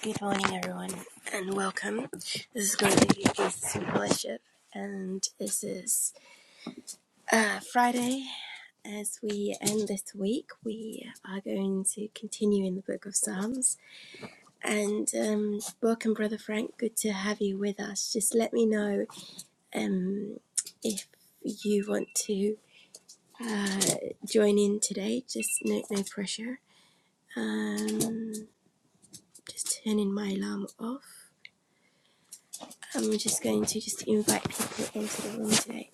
Good morning, everyone, and welcome. This is going to be Jesus in Fellowship, and this is uh, Friday. As we end this week, we are going to continue in the book of Psalms. And um, welcome, Brother Frank. Good to have you with us. Just let me know um, if you want to uh, join in today. Just no, no pressure. Um, just turning my alarm off. I'm just going to just invite people into the room today.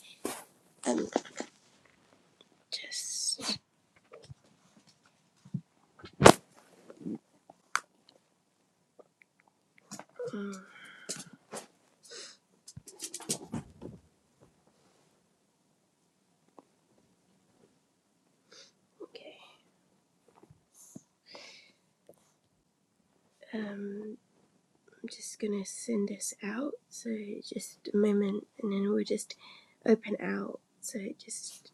Um, just mm, okay. Um, I'm just gonna send this out. So just a moment, and then we'll just open out. So just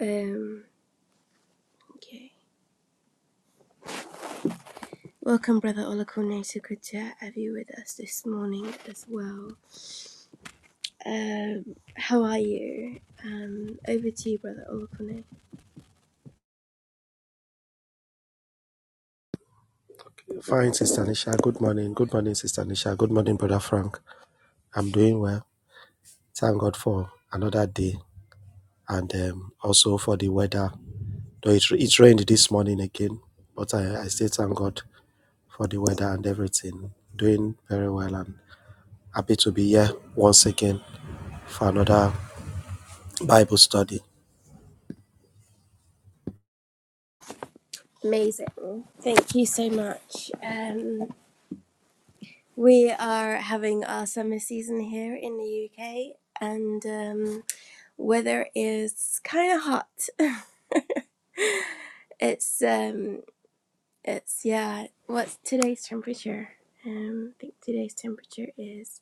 um, okay. Welcome, brother Olakune. So good to have you with us this morning as well. Um, how are you? Um, over to you, brother Olakune. Fine, Sister Nisha. Good morning. Good morning, Sister Nisha. Good morning, Brother Frank. I'm doing well. Thank God for another day and um, also for the weather. Though it, it rained this morning again, but I, I still thank God for the weather and everything. Doing very well and happy to be here once again for another Bible study. Amazing. Thank you so much. Um, We are having our summer season here in the UK, and um, weather is kind of hot. It's um, it's yeah. What's today's temperature? Um, I think today's temperature is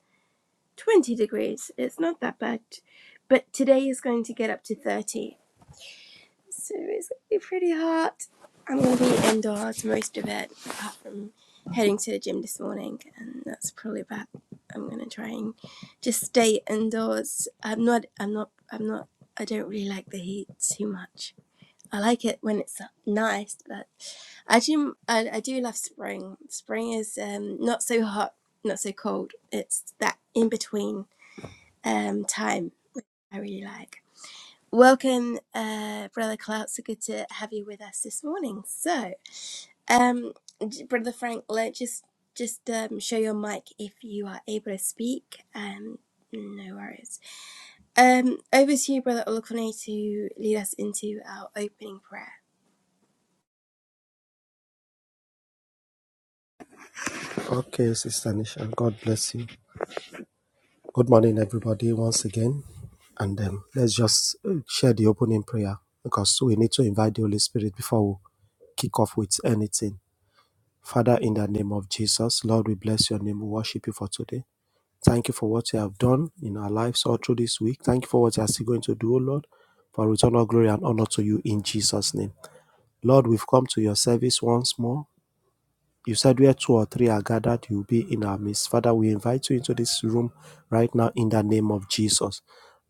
twenty degrees. It's not that bad, but today is going to get up to thirty, So it's gonna be pretty hot. I'm gonna be indoors most of it, apart from heading to the gym this morning, and that's probably about. I'm gonna try and just stay indoors. I'm not. I'm not. I'm not. I don't really like the heat too much. I like it when it's nice, but I do. I, I do love spring. Spring is um, not so hot, not so cold. It's that in between um, time I really like. Welcome, uh, Brother Clout. So good to have you with us this morning. So, um, j- Brother Frank, let just just um, show your mic if you are able to speak. Um, no worries. Um, over to you, Brother Olukone, to lead us into our opening prayer. Okay, Sister Nisha. God bless you. Good morning, everybody, once again. And um, let's just uh, share the opening prayer because we need to invite the Holy Spirit before we kick off with anything. Father, in the name of Jesus, Lord, we bless your name. We worship you for today. Thank you for what you have done in our lives all through this week. Thank you for what you are still going to do, O Lord. For return all glory and honor to you in Jesus' name. Lord, we've come to your service once more. You said where two or three are gathered, you'll be in our midst. Father, we invite you into this room right now in the name of Jesus.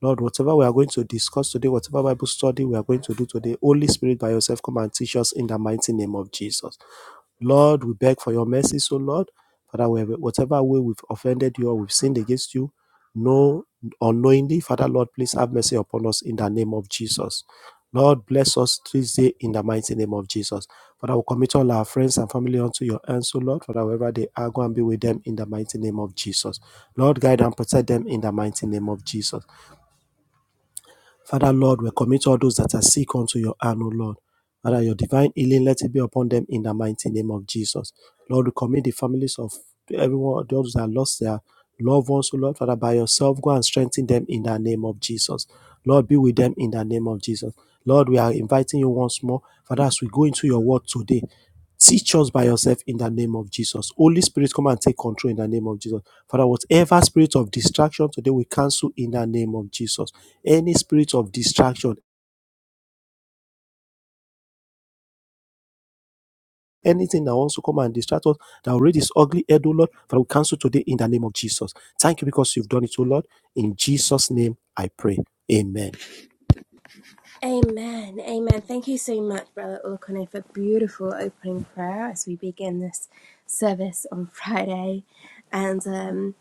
Lord, whatever we are going to discuss today, whatever Bible study we are going to do today, Holy Spirit by yourself, come and teach us in the mighty name of Jesus. Lord, we beg for your mercy, so Lord, Father, whatever way we've offended you or we've sinned against you, no unknowingly, Father, Lord, please have mercy upon us in the name of Jesus. Lord, bless us this day in the mighty name of Jesus. Father, we commit all our friends and family unto your hands, so Lord, Father, wherever they are, go and be with them in the mighty name of Jesus. Lord, guide and protect them in the mighty name of Jesus. Father, Lord, we commit all those that are sick unto your hand, O Lord. Father, your divine healing, let it be upon them in the mighty name of Jesus. Lord, we commit the families of everyone, those that lost their loved ones, O Lord. Father, by yourself, go and strengthen them in the name of Jesus. Lord, be with them in the name of Jesus. Lord, we are inviting you once more. Father, as we go into your word today, Teach us by yourself in the name of Jesus. Holy Spirit, come and take control in the name of Jesus. Father, whatever spirit of distraction today, we cancel in the name of Jesus. Any spirit of distraction, anything that wants to come and distract us, that already is ugly head, oh Lord, Father, we cancel today in the name of Jesus. Thank you because you've done it, oh Lord. In Jesus' name I pray. Amen. Amen. Amen. Thank you so much, Brother Olukone, for beautiful opening prayer as we begin this service on Friday, and um.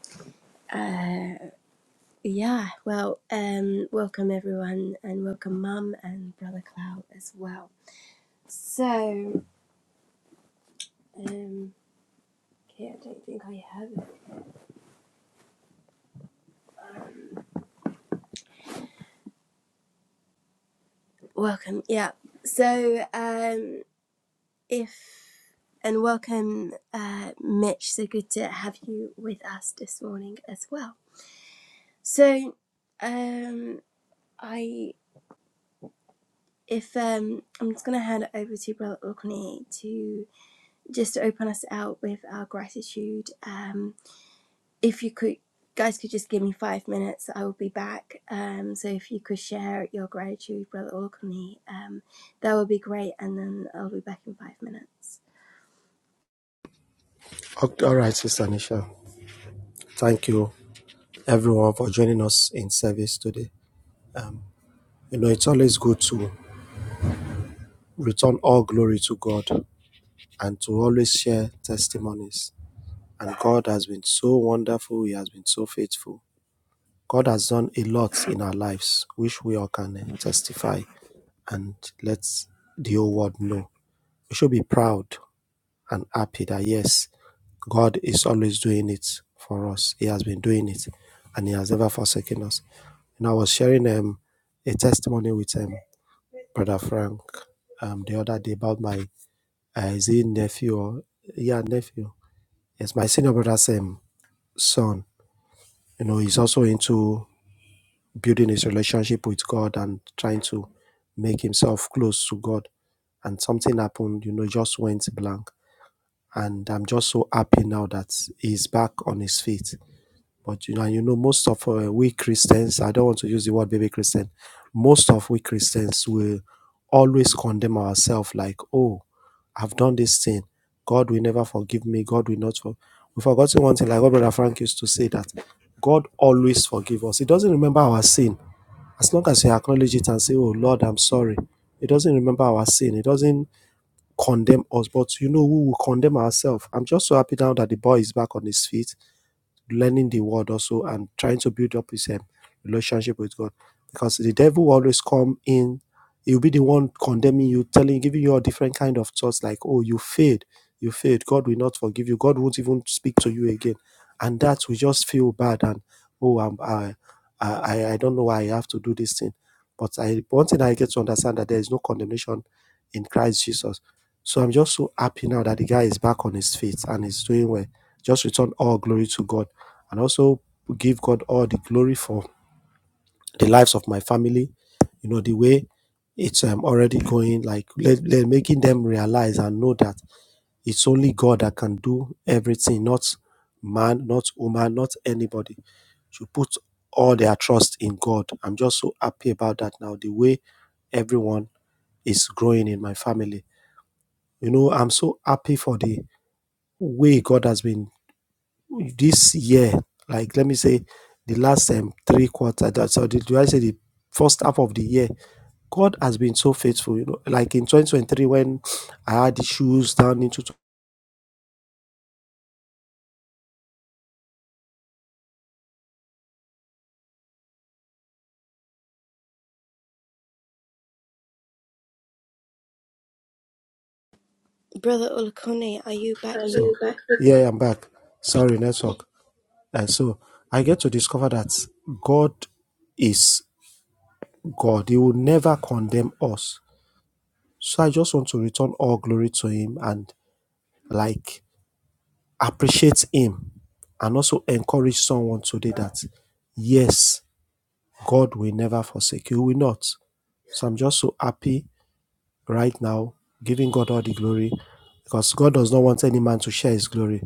Yeah, well, um, welcome everyone, and welcome Mum and Brother Cloud as well. So, um, okay, I don't think I have it. Um, Welcome, yeah. So, um, if and welcome, uh, Mitch. So good to have you with us this morning as well. So, um, I if um, I'm just gonna hand it over to Brother Orkney to just to open us out with our gratitude. Um, if you could guys could just give me five minutes i will be back um so if you could share your gratitude brother olakuni um that would be great and then i'll be back in five minutes Okay, All right, Sister Nisha. Thank you, everyone, for joining us in service today. You know, it's always good to return all glory to God and to always share testimonies. And God has been so wonderful, He has been so faithful. God has done a lot in our lives, which we all can testify. and lets the whole world know. We should be proud and happy that yes, God is always doing it for us. He has been doing it and He has never forsaken us. And I was sharing um, a testimony with um, Brother Frank um, the other day about my uh, is he nephew or yeah, nephew. Yes, my senior brother's um, son. You know, he's also into building his relationship with God and trying to make himself close to God. And something happened, you know, just went blank. And I'm just so happy now that he's back on his feet. But you know, you know, most of uh, we Christians, I don't want to use the word baby Christian, most of we Christians will always condemn ourselves like, oh, I've done this thing. God will never forgive me. God will not forgive. We've forgotten one thing, like what Brother Frank used to say that God always forgive us. He doesn't remember our sin as long as you acknowledge it and say, "Oh Lord, I'm sorry," it doesn't remember our sin. It doesn't condemn us, but you know, we will condemn ourselves. I'm just so happy now that the boy is back on his feet, learning the word also and trying to build up his um, relationship with God. Because the devil will always come in, he'll be the one condemning you, telling, giving you all different kind of thoughts like, oh, you failed, you failed. God will not forgive you. God won't even speak to you again. And that we just feel bad and oh, I'm, I, I, I don't know why I have to do this thing. But I, one thing I get to understand that there is no condemnation in Christ Jesus so I'm just so happy now that the guy is back on his feet and is doing well. Just return all glory to God and also give God all the glory for the lives of my family. You know, the way it's um, already going, like let, let, making them realize and know that it's only God that can do everything, not man, not woman, not anybody. You put all their trust in God. I'm just so happy about that now. The way everyone is growing in my family. You know, I'm so happy for the way God has been this year, like let me say the last um, three quarters, that- so the, do I say the first half of the year, God has been so faithful. You know, like in 2023 when I had issues down into tw- brother olakuni are you back Are so you back? yeah, I'm back. Sorry, network. And so I get to discover that God is God. He will never condemn us. So I just want to return all glory to Him and like. Appreciate him and also encourage someone today that, yes, God will never forsake you. He will not. So I'm just so happy right now, giving God all the glory because God does not want any man to share his glory.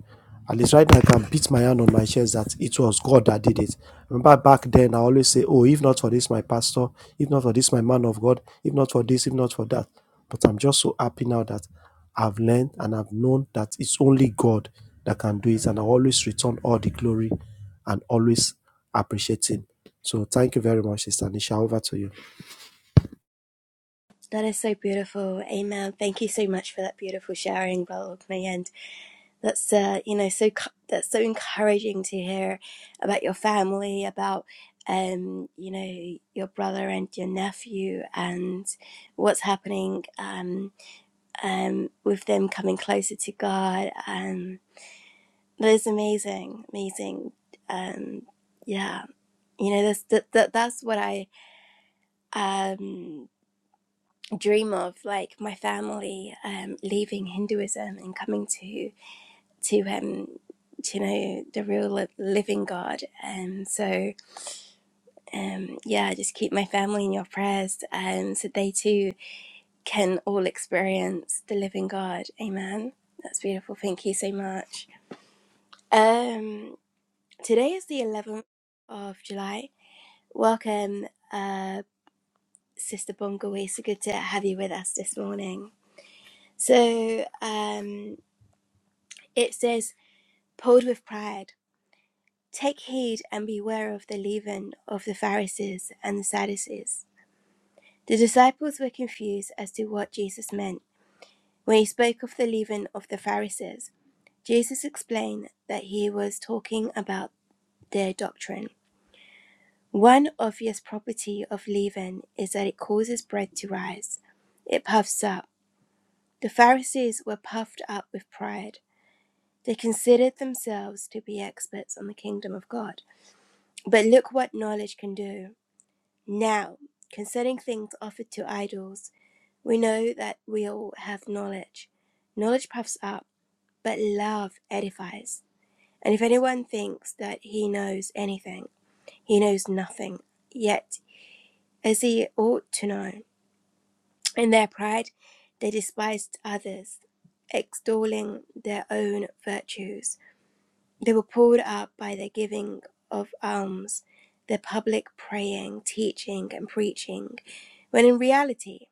At least right now, I can beat my hand on my chest that it was God that did it. Remember back then, I always say, Oh, if not for this, my pastor, if not for this, my man of God, if not for this, if not for that. But I'm just so happy now that I've learned and I've known that it's only God that can do it. And I always return all the glory and always appreciate Him. So thank you very much, Sister Nisha. Over to you. that is so beautiful amen thank you so much for that beautiful sharing brother olakuni and that's uh you know so that's so encouraging to hear about your family about um you know your brother and your nephew and what's happening um um, with them coming closer to God. Um, but it's amazing, amazing. Um, yeah, you know, that's that, that that's what I um, dream of, like my family um, leaving Hinduism and coming to to um, to, you know the real li- living God. And so, um, yeah, just keep my family in your prayers, um, so they too can all experience the living God. Amen. That's beautiful. Thank you so much. Um, today is the 11th of July. Welcome, uh, Sister Bongo. It's good to have you with us this morning. So, um, it says, pulled with pride, take heed and beware of the leaven of the Pharisees and the Sadducees. The disciples were confused as to what Jesus meant. When he spoke of the leaven of the Pharisees, Jesus explained that he was talking about their doctrine One obvious property of leaven is that it causes bread to rise. It puffs up. The Pharisees were puffed up with pride. They considered themselves to be experts on the kingdom of God. But look what knowledge can do. Now, concerning things offered to idols, we know that we all have knowledge. Knowledge puffs up, but love edifies. And if anyone thinks that he knows anything, he knows nothing, yet as he ought to know. In their pride, they despised others, extolling their own virtues. They were pulled up by their giving of alms, their public praying, teaching, and preaching, when in reality,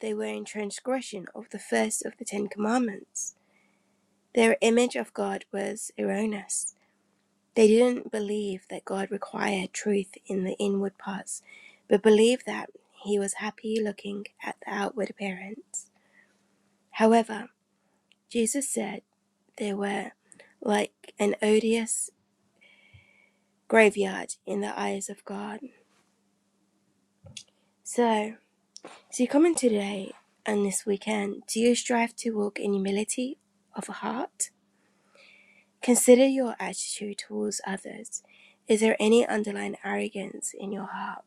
they were in transgression of the first of the Ten Commandments. Their image of God was erroneous. They didn't believe that God required truth in the inward parts, but believed that He was happy looking at the outward appearance. However, Jesus said they were like an odious graveyard in the eyes of God. So, as you come in today and this weekend, do you strive to walk in humility of heart? Consider your attitude towards others. Is there any underlying arrogance in your heart?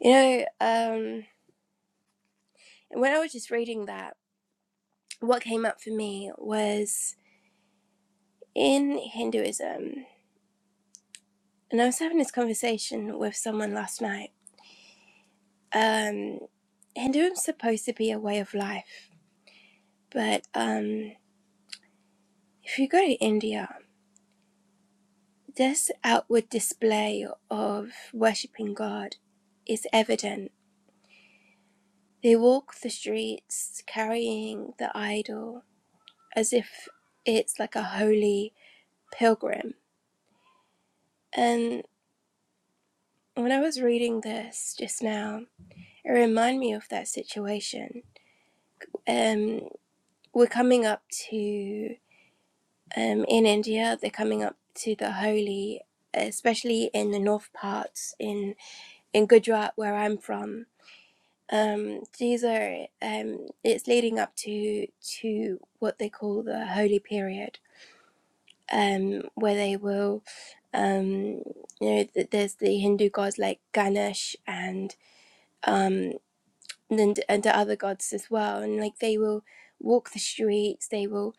You know, um, when I was just reading that, what came up for me was in Hinduism, and I was having this conversation with someone last night Um, Hinduism's supposed to be a way of life, but um, if you go to India, this outward display of worshipping God is evident. They walk the streets carrying the idol as if it's like a holy pilgrim. And when I was reading this just now, it reminded me of that situation. Um, we're coming up to um, in India, they're coming up to the Holi, especially in the north parts in in Gujarat, where I'm from. Um, these are um, it's leading up to to what they call the Holy period, um, where they will, um, you know, th- there's the Hindu gods like Ganesh and um, and and the other gods as well, and like they will walk the streets, they will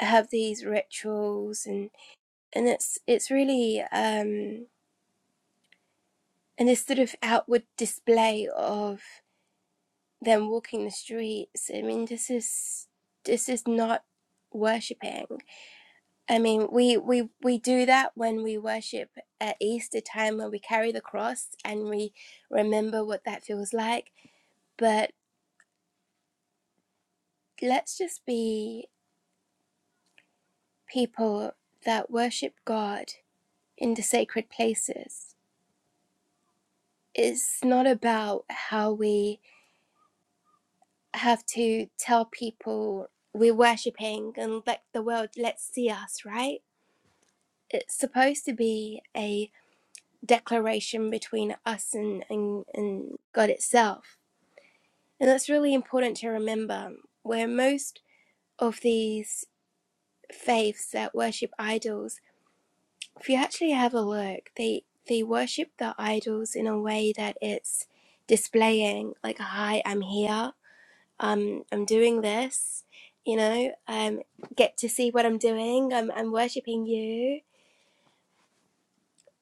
have these rituals and and it's it's really um and this sort of outward display of them walking the streets i mean this is this is not worshipping i mean we we we do that when we worship at easter time when we carry the cross and we remember what that feels like but let's just be people that worship god in the sacred places it's not about how we have to tell people we're worshipping and let the world let's see us right it's supposed to be a declaration between us and, and, and god itself and that's really important to remember where most of these faiths that worship idols if you actually have a look they they worship the idols in a way that it's displaying like hi i'm here um, I'm doing this, you know, um, get to see what I'm doing. I'm, I'm worshiping you.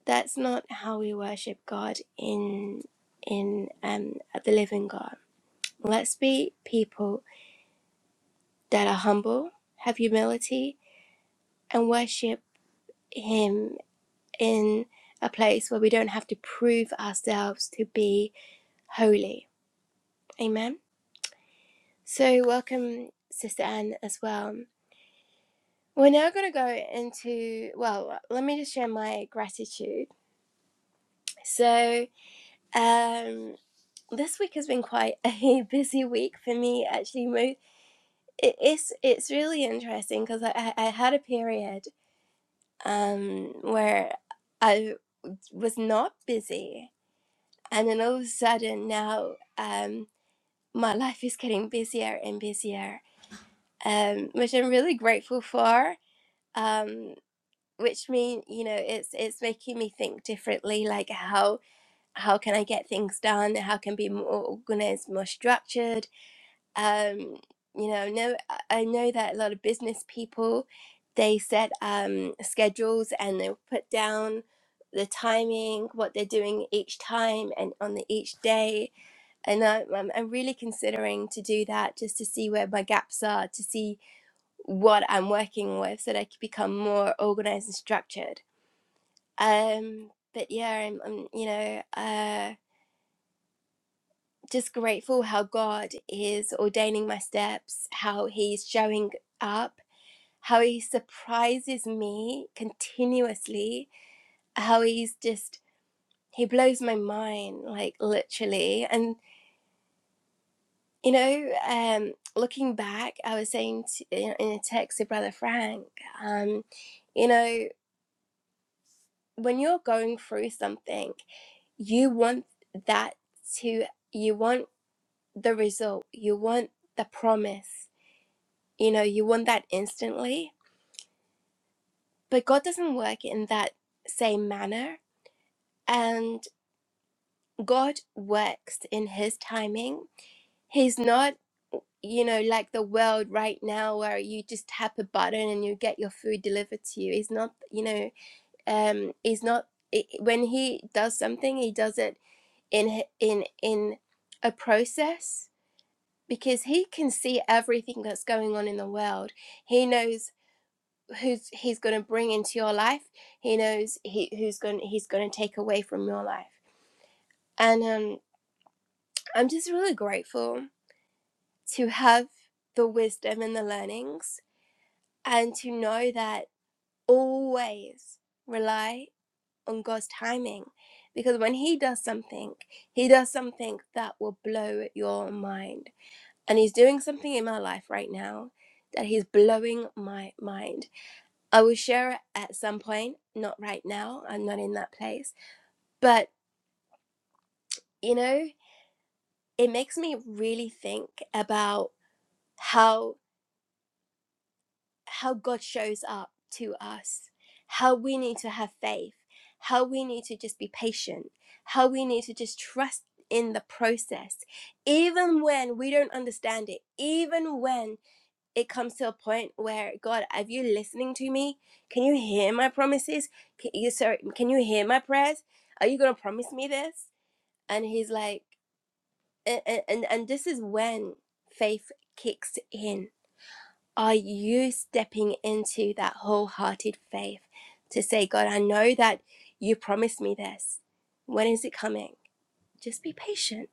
That's not how we worship God in in um, the living God. Let's be people that are humble, have humility, and worship Him in a place where we don't have to prove ourselves to be holy. Amen. So welcome, Sister Anne, as well. We're now going to go into, well, let me just share my gratitude. So, um, this week has been quite a busy week for me, actually. It's, it's really interesting because I I had a period um, where I was not busy. And then all of a sudden now um, my life is getting busier and busier, um, which I'm really grateful for. Um, which mean you know it's it's making me think differently like how how can i get things done how can be more organized more structured um you know no i I know that a lot of business people they set um schedules and they'll put down the timing what they're doing each time and on the each day and I, I'm, I'm really considering to do that just to see where my gaps are to see what i'm working with so that i can become more organized and structured um, but yeah, I'm, I'm you know, uh, just grateful how God is ordaining my steps, how He's showing up, how He surprises me continuously, how He's just He blows my mind, like literally. And you know, um, looking back, I was saying to, in in a text to Brother Frank, um, you know, when you're going through something, you want that to. You want the result. You want the promise. You know, you want that instantly. But God doesn't work in that same manner. And God works in His timing. He's not, you know, like the world right now where you just tap a button and you get your food delivered to you. He's not, you know, um, he's not. i when he does something, he does it in h- in in a process because he can see everything that's going on in the world. He knows who's he's going to bring into your life he knows he who's going he's going to take away from your life and um i'm just really grateful to have the wisdom and the learnings and to know that always rely on god's timing because when he does something he does something that will blow your mind and he's doing something in my life right now that he's blowing my mind I will share it at some point, not right now. I'm not in that place. But, you know, it makes me really think about how how God shows up to us, how we need to have faith, how we need to just be patient, how we need to just trust in the process, even when we don't understand it, even when it comes to a point where God, are you listening to me? Can you hear my promises? Can you sorry, can you hear my prayers? Are you gonna promise me this? And he's like, and and, and this is when faith kicks in. Are you stepping into that wholehearted faith to say, God, I know that you promised me this. When is it coming? Just be patient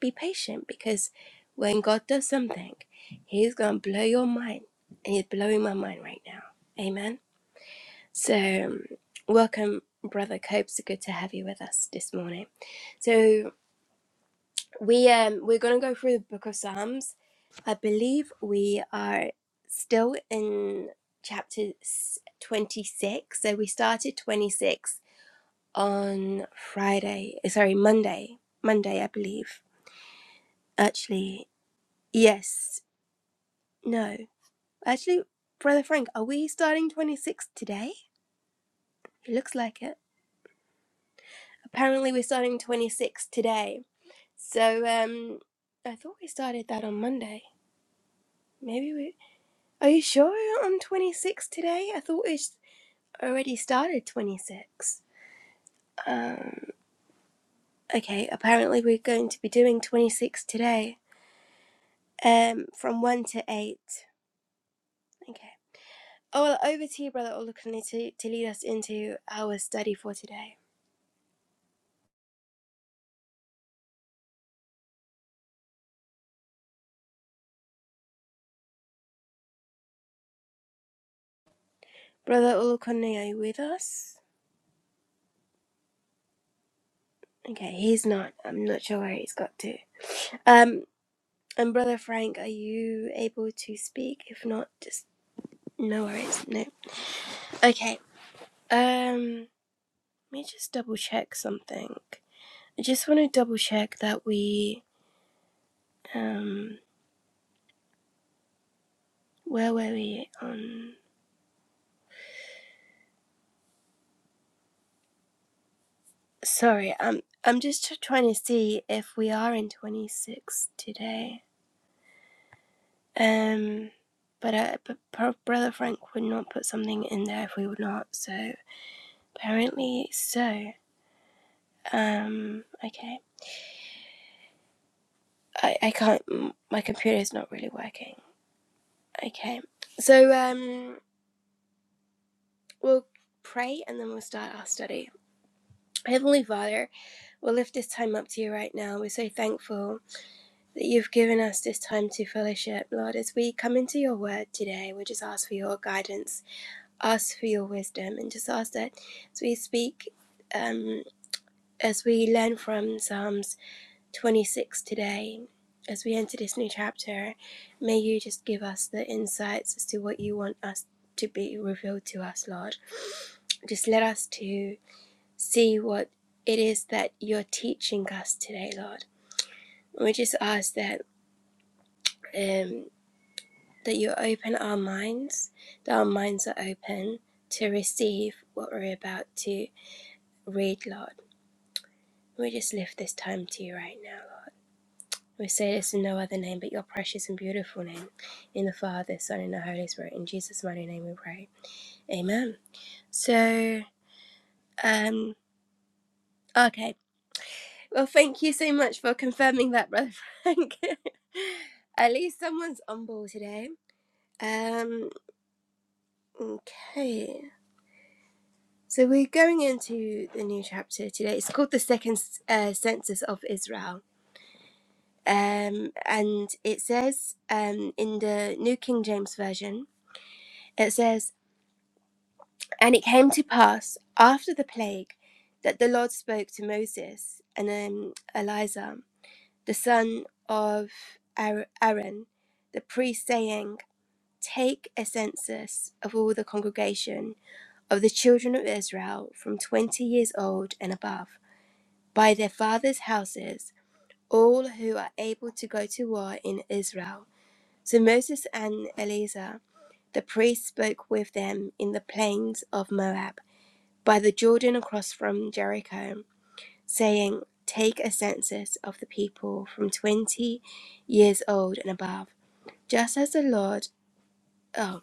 be patient because when God does something, He's gonna blow your mind, and He's blowing my mind right now. Amen. So, um, welcome, brother Copes. Good to have you with us this morning. So we um we're gonna go through the Book of Psalms. I believe we are still in chapter s- twenty-six. So we started twenty-six on Friday. Sorry, Monday. Monday, I believe. Actually, yes. No. Actually, Brother Frank, are we starting 26 today? It looks like it. Apparently, we're starting 26 today. So, um, I thought we started that on Monday. Maybe we. Are you sure we're on 26 today? I thought we s- already started 26. Um, okay, apparently, we're going to be doing 26 today, um, from 1 to 8. Okay. Oh, well, over to you, Brother Olukunle, to, to lead us into our study for today. Brother Olukunle, are you with us? Okay, he's not. I'm not sure where he's got to. Um, and brother Frank, are you able to speak? If not, just no worries. No. Okay. Um, let me just double check something. I just want to double check that we um, where were we on? Sorry, I'm I'm just tr- trying to see if we are in 26 today. Um, but uh, but Pro- brother Frank would not put something in there if we were not. So apparently so. Um, okay. I, I can't, m- my computer's not really working. Okay. So, um, we'll pray and then we'll start our study. Heavenly Father, we'll lift this time up to you right now. We're so thankful that you've given us this time to fellowship. Lord, as we come into your word today, we just ask for your guidance, ask for your wisdom, and just ask that as we speak, um, as we learn from Psalms 26 today, as we enter this new chapter, may you just give us the insights as to what you want us to be revealed to us, Lord. Just let us to see what it is that you're teaching us today, Lord. We just ask that um, that you open our minds, that our minds are open to receive what we're about to read, Lord. We just lift this time to you right now. We say this in no other name but your precious and beautiful name. In the Father, Son, and the Holy Spirit. In Jesus' mighty name we pray. Amen. So, um, okay. Well, thank you so much for confirming that, Brother Frank. At least someone's on board today. Um, okay. So we're going into the new chapter today. It's called the Second uh, Census of Israel. Um, and it says um, in the New King James Version, it says, And it came to pass after the plague that the Lord spoke to Moses and um, Eliza, the son of Aaron, the priest, saying, Take a census of all the congregation of the children of Israel from 20 years old and above, by their fathers' houses, all who are able to go to war in Israel. So Moses and Eliza, the priest, spoke with them in the plains of Moab by the Jordan across from Jericho, saying, Take a census of the people from 20 years old and above, just as the Lord. Oh,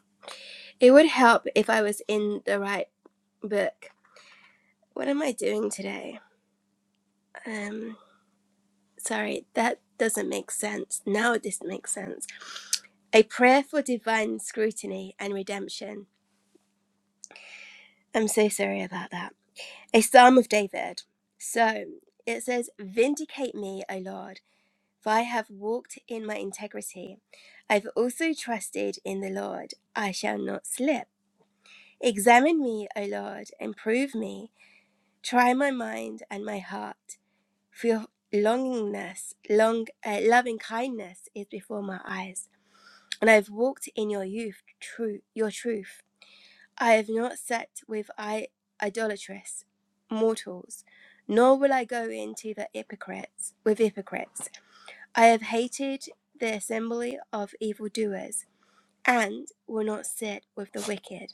it would help if I was in the right book. What am I doing today? Um, sorry, that doesn't make sense. Now this makes sense. A prayer for divine scrutiny and redemption. I'm so sorry about that. A psalm of David. So it says, Vindicate me, O Lord For I have walked in my integrity. I've also trusted in the Lord. I shall not slip. Examine me, O Lord, and prove me. Try my mind and my heart. For your longingness, long, uh, loving kindness is before my eyes. And I've walked in your youth, true, your truth. I have not sat with I- idolatrous mortals, nor will I go into the hypocrites with hypocrites. I have hated the assembly of evildoers, and will not sit with the wicked.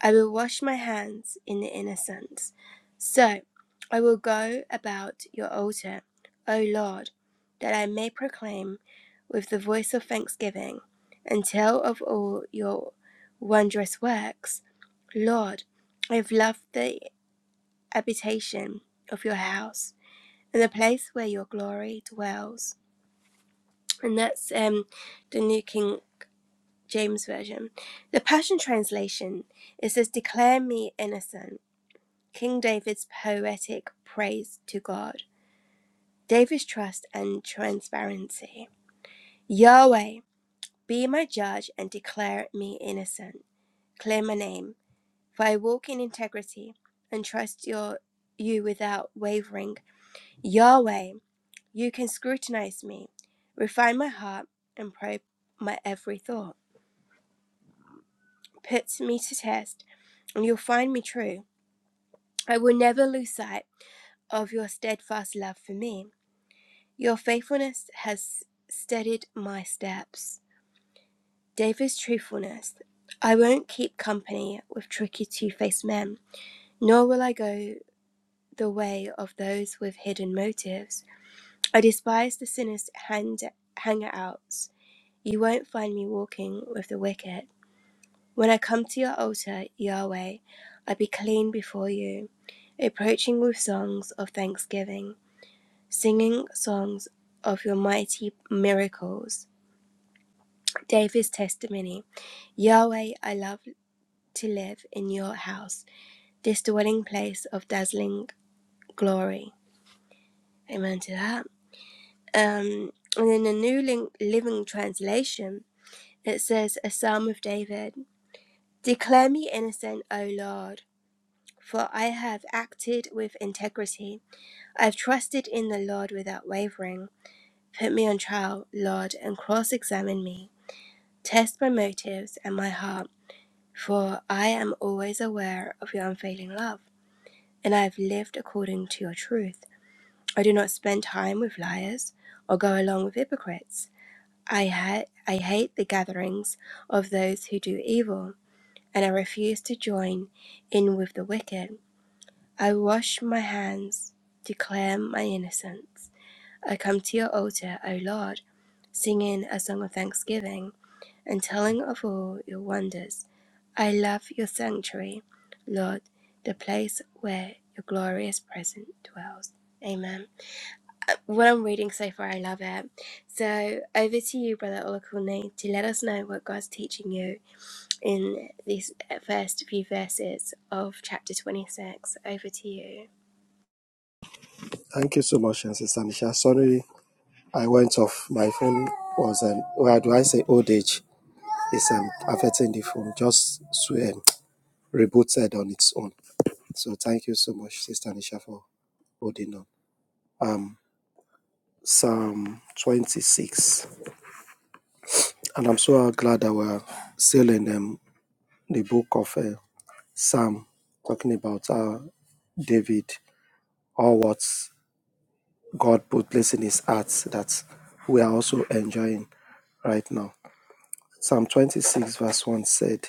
I will wash my hands in the innocent. So I will go about your altar, O Lord, that I may proclaim with the voice of thanksgiving and tell of all your wondrous works. Lord, I have loved the habitation of your house and the place where your glory dwells and that's um, the New King James Version. The Passion Translation it says, "Declare me innocent." King David's poetic praise to God, David's trust and transparency. Yahweh, be my judge and declare me innocent. Clear my name, for I walk in integrity and trust your you without wavering. Yahweh, you can scrutinize me, refine my heart, and probe my every thought. puts me to test, and you'll find me true. I will never lose sight of your steadfast love for me. Your faithfulness has steadied my steps. David's truthfulness. I won't keep company with tricky two faced men, nor will I go the way of those with hidden motives. I despise the sinner's hand hangouts. You won't find me walking with the wicked. When I come to your altar, Yahweh, I be clean before you, approaching with songs of thanksgiving, singing songs of your mighty miracles. David's testimony Yahweh, I love to live in your house, this dwelling place of dazzling glory. Amen to that. Um, and in the New Lin- Living Translation, it says, A Psalm of David Declare me innocent, O Lord. For I have acted with integrity. I have trusted in the Lord without wavering. Put me on trial, Lord, and cross examine me. Test my motives and my heart, for I am always aware of your unfailing love, and I have lived according to your truth. I do not spend time with liars or go along with hypocrites. I, ha- I hate the gatherings of those who do evil, and I refuse to join in with the wicked. I wash my hands, declare my innocence. I come to your altar, O Lord, singing a song of thanksgiving and telling of all your wonders. I love your sanctuary, Lord, the place where your glorious presence dwells. Amen. What I'm reading so far, I love it. So over to you, Brother Olakunle, to let us know what God's teaching you in these first few verses of chapter 26. Over to you. Thank you so much, Sister Nisha. Sorry I went off. My phone was an why do I say old age is um, affecting the phone, just um, rebooted on its own. So thank you so much, Sister Nisha, for holding on. Um, Psalm 26, and I'm so glad that we're still in um, the book of uh, Psalm, talking about uh, David, all what God put place in his heart that we are also enjoying right now. Psalm 26, verse 1 said.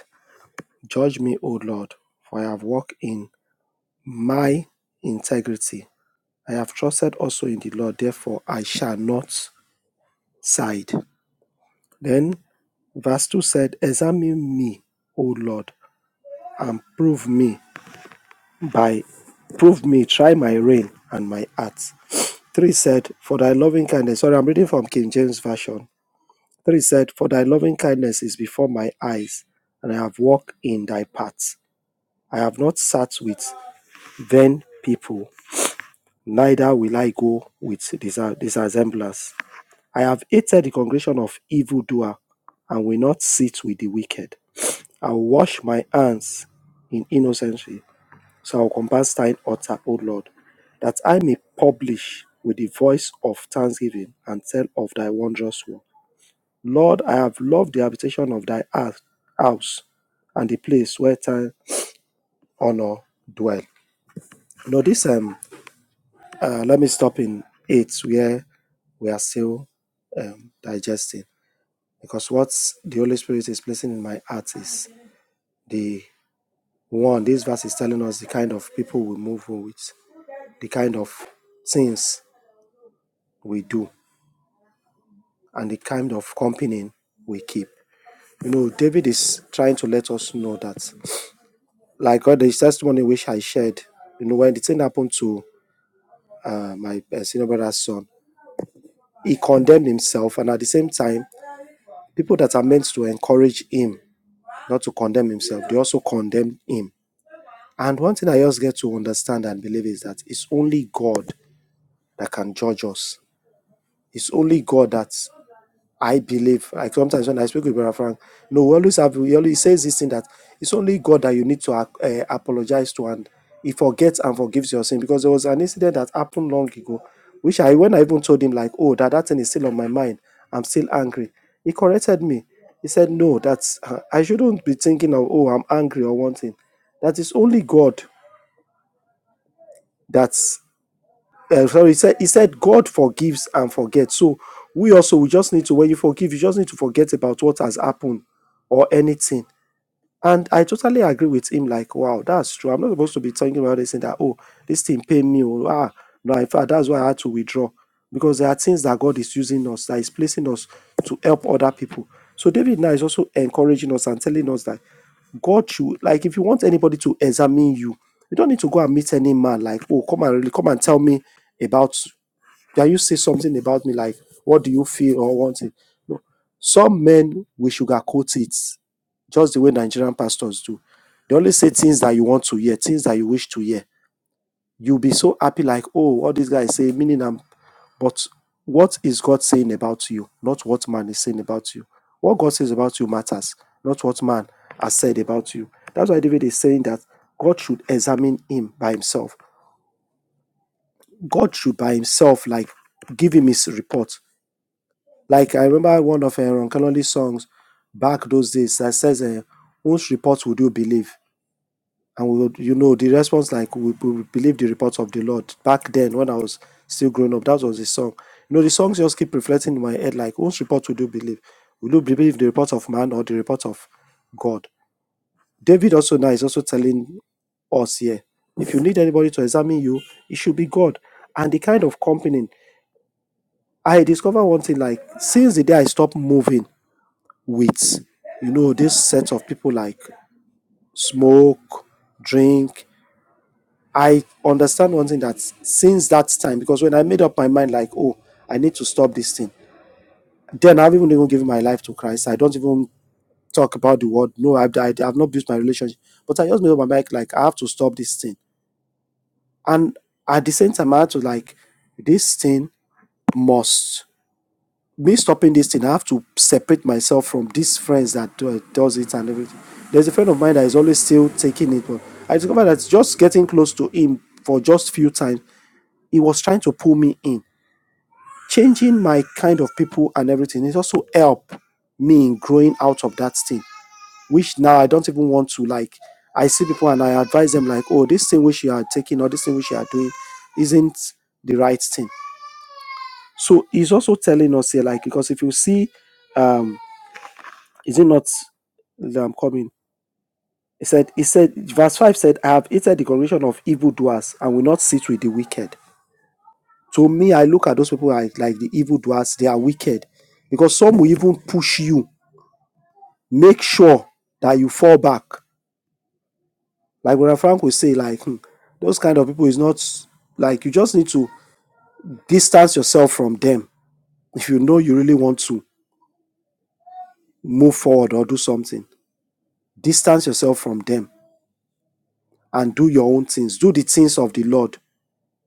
Judge me, O Lord, for I have walked in my integrity. I have trusted also in the Lord, therefore I shall not side. Then verse 2 said, Examine me, O Lord, and prove me by prove me, try my rein and my heart. Three said, For thy loving kindness. Sorry, I'm reading from King James Version. Three said, For thy loving kindness is before my eyes, and I have walked in thy paths. I have not sat with vain people neither will I go with disa- disassemblers. I have hated the congregation of evildoer and will not sit with the wicked. I will wash my hands in innocency, so I will compass thine altar, O Lord, that I may publish with the voice of thanksgiving and tell of thy wondrous work. Lord, I have loved the habitation of thy house house and the place where thine honor dwell. You know, this um uh, let me stop in eight where we are still um, digesting. Because what the Holy Spirit is placing in my heart is the one, this verse is telling us the kind of people we move with, the kind of things we do, and the kind of company we keep. You know, David is trying to let us know that, like all the testimony which I shared, you know, when the thing happened to uh, my uh, senior brother's son, he condemned himself, and at the same time, people that are meant to encourage him not to condemn himself. They also condemned him. And one thing I just get to understand and believe is that it's only God that can judge us. It's only God that I believe. Like sometimes when I speak with Brother Frank, no, we always have. We always he says this thing that it's only God that you need to uh, uh, apologize to, and He forgets and forgives your sin. Because there was an incident that happened long ago, which I when I even told him like, oh, that that thing is still on my mind. I'm still angry. He corrected me. He said, no, that's uh, I shouldn't be thinking of oh, I'm angry or one thing. That is only God. That uh, sorry, he said, he said God forgives and forgets. So we also, we just need to, when you forgive, you just need to forget about what has happened or anything. And I totally agree with him like, wow, that's true. I'm not supposed to be talking about this and that, oh, this thing pay me. Oh, ah, no, in fact, that's why I had to withdraw. Because there are things that God is using us, that is placing us to help other people. So David now is also encouraging us and telling us that God should like if you want anybody to examine you, you don't need to go and meet any man like, oh, come and really come and tell me about can you say something about me like what do you feel or want it? No. Some men we sugarcoat it just the way Nigerian pastors do. They only say things that you want to hear, things that you wish to hear. You'll be so happy, like, oh, all these guys say, meaning I'm, but what is God saying about you, not what man is saying about you? What God says about you matters, not what man has said about you. That's why David is saying that God should examine him by himself. God should by himself, like, give him his report. Like, I remember one of Aaron Kalonji's songs back those days that says, uh, Whose report would you believe? And we would, you know, the response like we, we will believe the reports of the Lord. Back then, when I was still growing up, that was the song. You know, the songs just keep reflecting in my head like, whose report will you believe? Will you believe the report of man or the report of God? David also now is also telling us here. If you need anybody to examine you, it should be God. And the kind of company I discover one thing like since the day I stopped moving with you know this set of people like smoke, drink, I understand one thing that since that time, because when I made up my mind, like, oh, I need to stop this thing, then I've even even given my life to Christ. I don't even talk about the word. No, I've, I, I've not built my relationship. But I just made up my mind, like, I have to stop this thing. And at the same time, I had to, like, this thing must, me stopping this thing, I have to separate myself from these friends that do, does it and everything. There's a friend of mine that is always still taking it, but I discovered that just getting close to him for just few times he was trying to pull me in changing my kind of people and everything it also helped me in growing out of that thing which now i don't even want to like i see people and i advise them like oh this thing which you are taking or this thing which you are doing isn't the right thing so he's also telling us here like because if you see um is it not that i'm coming he said he said verse 5 said i have hated the congregation of evildoers and will not sit with the wicked To me, I look at those people as like the evildoers. They are wicked. Because some will even push you, make sure that you fall back. Like Brother Frank will say, like, hmm, those kind of people is not like you just need to distance yourself from them. If you know you really want to move forward or do something, distance yourself from them and do your own things. Do the things of the Lord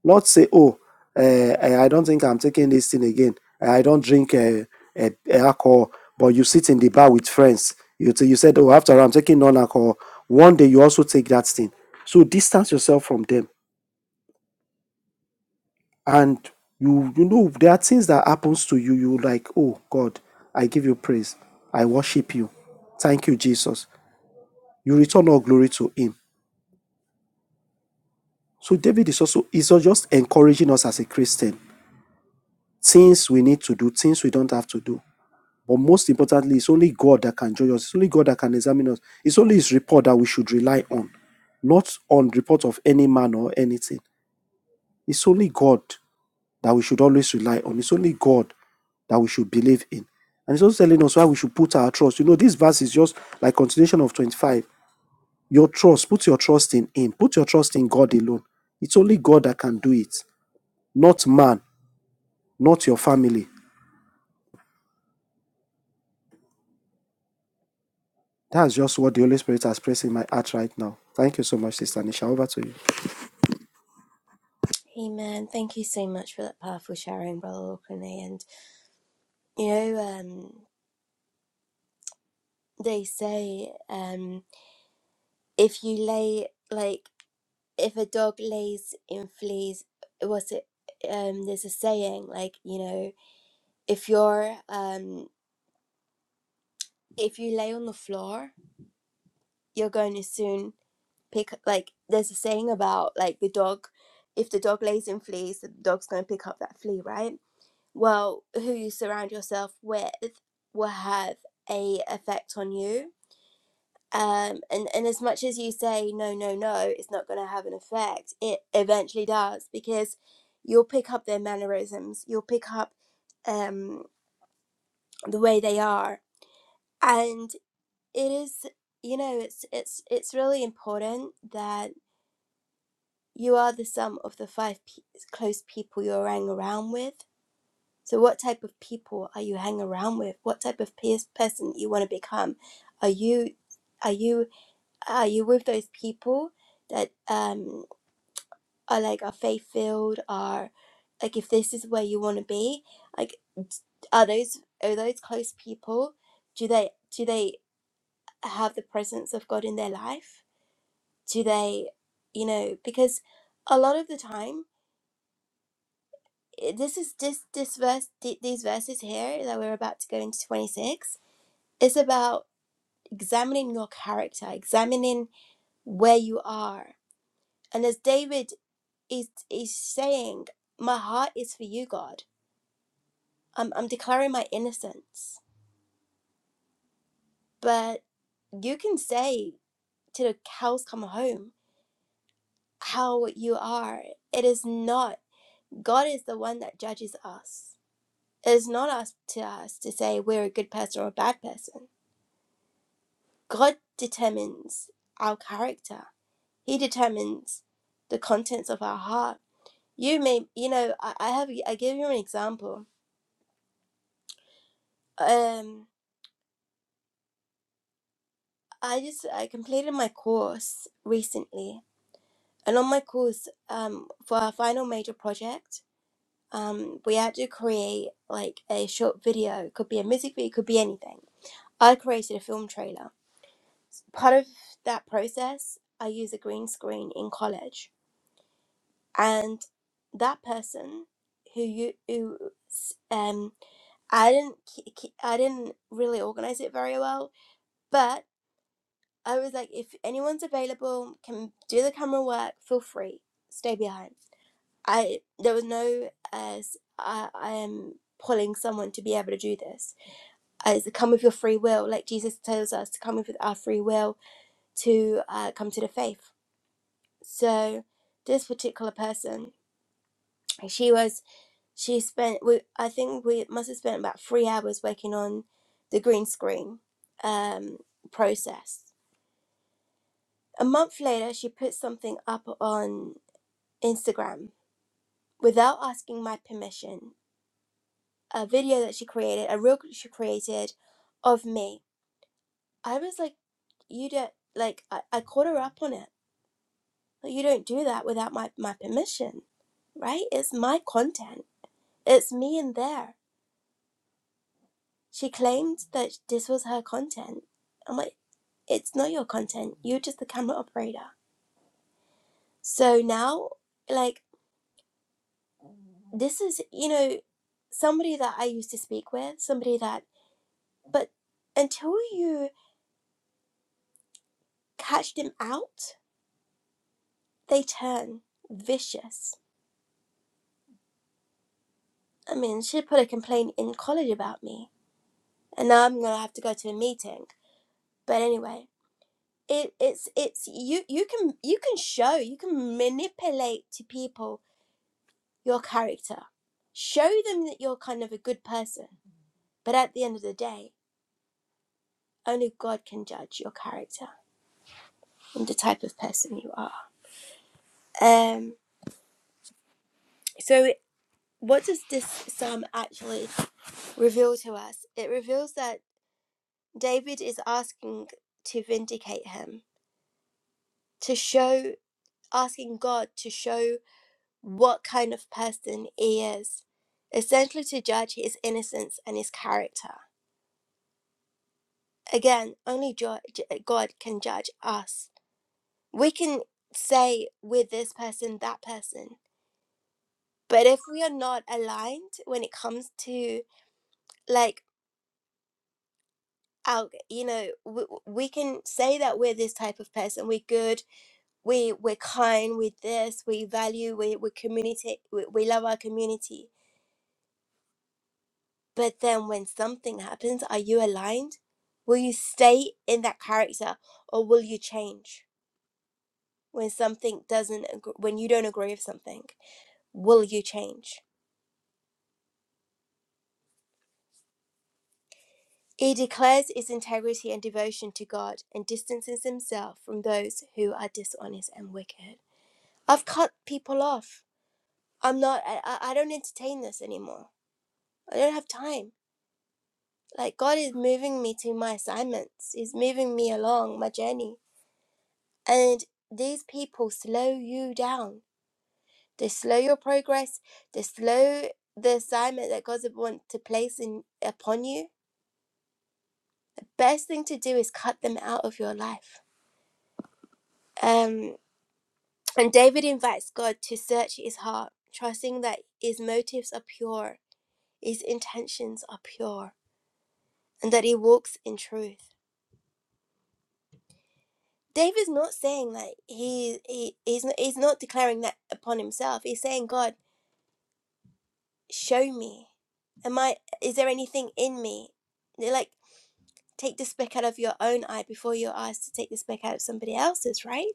Not say, oh, uh, I don't think I'm taking this thing again. I don't drink uh, uh, alcohol. But you sit in the bar with friends. You, t- you said, oh, after I'm taking non alcohol. One day you also take that thing. So distance yourself from them. And you you know, there are things that happens to you. You like, oh God, I give you praise. I worship you. Thank you, Jesus. You return all glory to him. So David is also is just encouraging us as a Christian. Things we need to do, things we don't have to do. But most importantly, it's only God that can judge us. It's only God that can examine us. It's only His report that we should rely on, not on report of any man or anything. It's only God that we should always rely on. It's only God that we should believe in. And it's also telling us why we should put our trust. You know, this verse is just like continuation of 25. Your trust, put your trust in Him. Put your trust in God alone. It's only God that can do it, not man, not your family. That's just what the Holy Spirit has pressed in my heart right now. Thank you so much, Sister Nisha. Over to you. Amen. Thank you so much for that powerful sharing, Brother Orkney. And you know, um, they say um, if you lay like if a dog lays in fleas, what's it? Um, there's a saying like you know, if you're um, if you lay on the floor, you're going to soon pick like there's a saying about like the dog. If the dog lays in fleas, the dog's going to pick up that flea, right? well, who you surround yourself with will have a effect on you. Um, and, and as much as you say no, no, no, it's not going to have an effect, it eventually does because you'll pick up their mannerisms, you'll pick up um, the way they are, and it is you know it's it's it's really important that you are the sum of the five pe- close people you are hanging around with So, what type of people are you hang around with? What type of pers- person you want to become? Are you, are you, are you with those people that um are like are faith filled? Are like if this is where you want to be, like are those are those close people? Do they do they have the presence of God in their life? Do they, you know, because a lot of the time. eh, This is this this verse th- these verses here that we're about to go into twenty six. It's about examining your character, examining where you are. And as David is is saying, My heart is for you, God. I'm I'm declaring my innocence. But you can say to the cows come home how you are. It is not God is the one that judges us. It is not us to us to say we're a good person or a bad person. God determines our character. He determines the contents of our heart You may, you know, I, I have, I give you an example. Um, I just, I completed my course recently, and on my course, um, for our final major project, um, we had to create like a short video. It could be a music video, it could be anything. I created a film trailer. Part of that process, I use a green screen in college, and that person who you, who, um, I didn't, ke- ke- I didn't really organize it very well But I was like, if anyone's available, can do the camera work, feel free. Stay behind. I there was no as I I am pulling someone to be able to do this. As to come with your free will, like Jesus tells us to come with our free will to uh, come to the faith. So this particular person, she was she spent we I think we must have spent about three hours working on the green screen um, process A month later, she put something up on Instagram without asking my permission. A video that she created, a reel she created of me. I was like, you don't, like, I, I caught her up on it. Like, you don't do that without my, my permission, right? It's my content. It's me in there. She claimed that this was her content. I'm like, it's not your content. You're just the camera operator. So now, like, this is, you know, somebody that I used to speak with, somebody that, but until you catch them out, they turn vicious. I mean, she put a complaint in college about me, and now I'm gonna have to go to a meeting. But anyway, it, it's it's you you can you can show you can manipulate to people your character, show them that you're kind of a good person. But at the end of the day, only God can judge your character and the type of person you are. Um, so What does this psalm actually reveal to us? It reveals that David is asking to vindicate him, to show, asking God to show what kind of person he is, essentially to judge his innocence and his character. Again, only jo- God can judge us. We can say with this person, that person, but if we are not aligned when it comes to like out you know we, we can say that we're this type of person we're good we we're kind with this we value we we community we, we love our community but then when something happens are you aligned will you stay in that character or will you change when something doesn't agr- when you don't agree with something will you change he declares his integrity and devotion to god and distances himself from those who are dishonest and wicked i've cut people off I'm not, I, I don't entertain this anymore. I don't have time. Like, God is moving me to my assignments, He's moving me along my journey. And these people slow you down. They slow your progress, they slow the assignment that God wants to place in upon you. The best thing to do is cut them out of your life. Um, and David invites God to search his heart, trusting that his motives are pure, his intentions are pure, and that he walks in truth. Dave is not saying like he, he he's not, he's not declaring that upon himself. He's saying, God, show me. Am I? Is there anything in me? They're like take the speck out of your own eye before you're asked to take the speck out of somebody else's, right?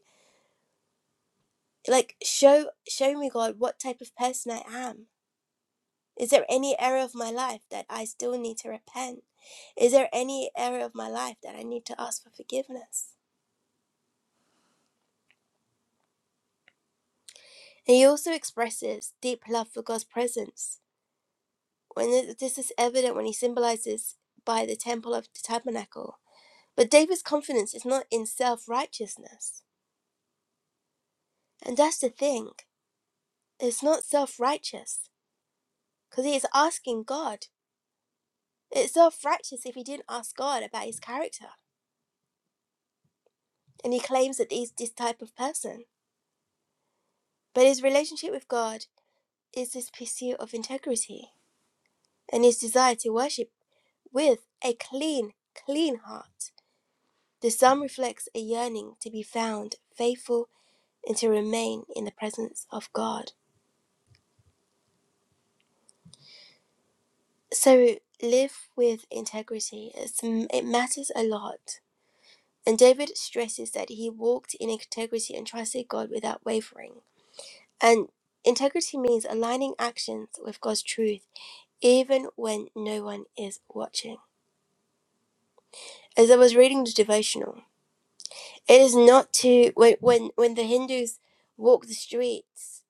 Like show show me, God, what type of person I am. Is there any area of my life that I still need to repent? Is there any area of my life that I need to ask for forgiveness? And he also expresses deep love for God's presence when th- this is evident when he symbolizes by the temple of the tabernacle. But David's confidence is not in self righteousness. And that's the thing, it's not self righteous because he is asking God. It's self righteous if he didn't ask God about his character. And he claims that he's this type of person. But his relationship with God is his pursuit of integrity and his desire to worship with a clean, clean heart. The psalm reflects a yearning to be found faithful and to remain in the presence of God. So live with integrity. It's, it matters a lot. And David stresses that he walked in integrity and trusted God without wavering. And integrity means aligning actions with God's truth, even when no one is watching. As I was reading the devotional, it is not to when when, when the Hindus walk the streets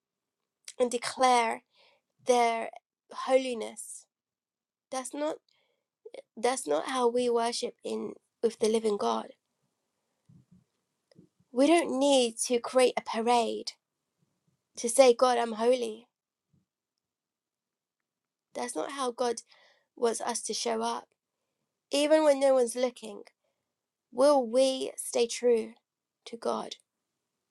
and declare their holiness. That's not That's not how we worship in with the living God. We don't need to create a parade to say, God, I'm holy. That's not how God wants us to show up. Even when no one's looking, will we stay true to God?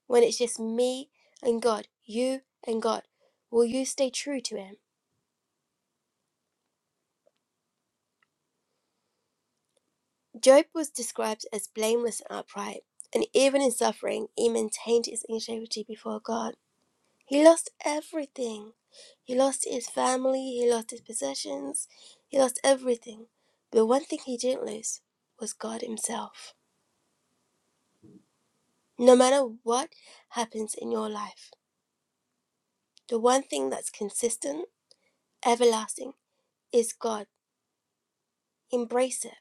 When it's just me and God, you and God, will you stay true to Him? Job was described as blameless and upright, and even in suffering, he maintained his integrity before God. He lost everything. He lost his family, he lost his possessions, he lost everything. But one thing he didn't lose was God Himself. No matter what happens in your life, the one thing that's consistent, everlasting, is God. Embrace it.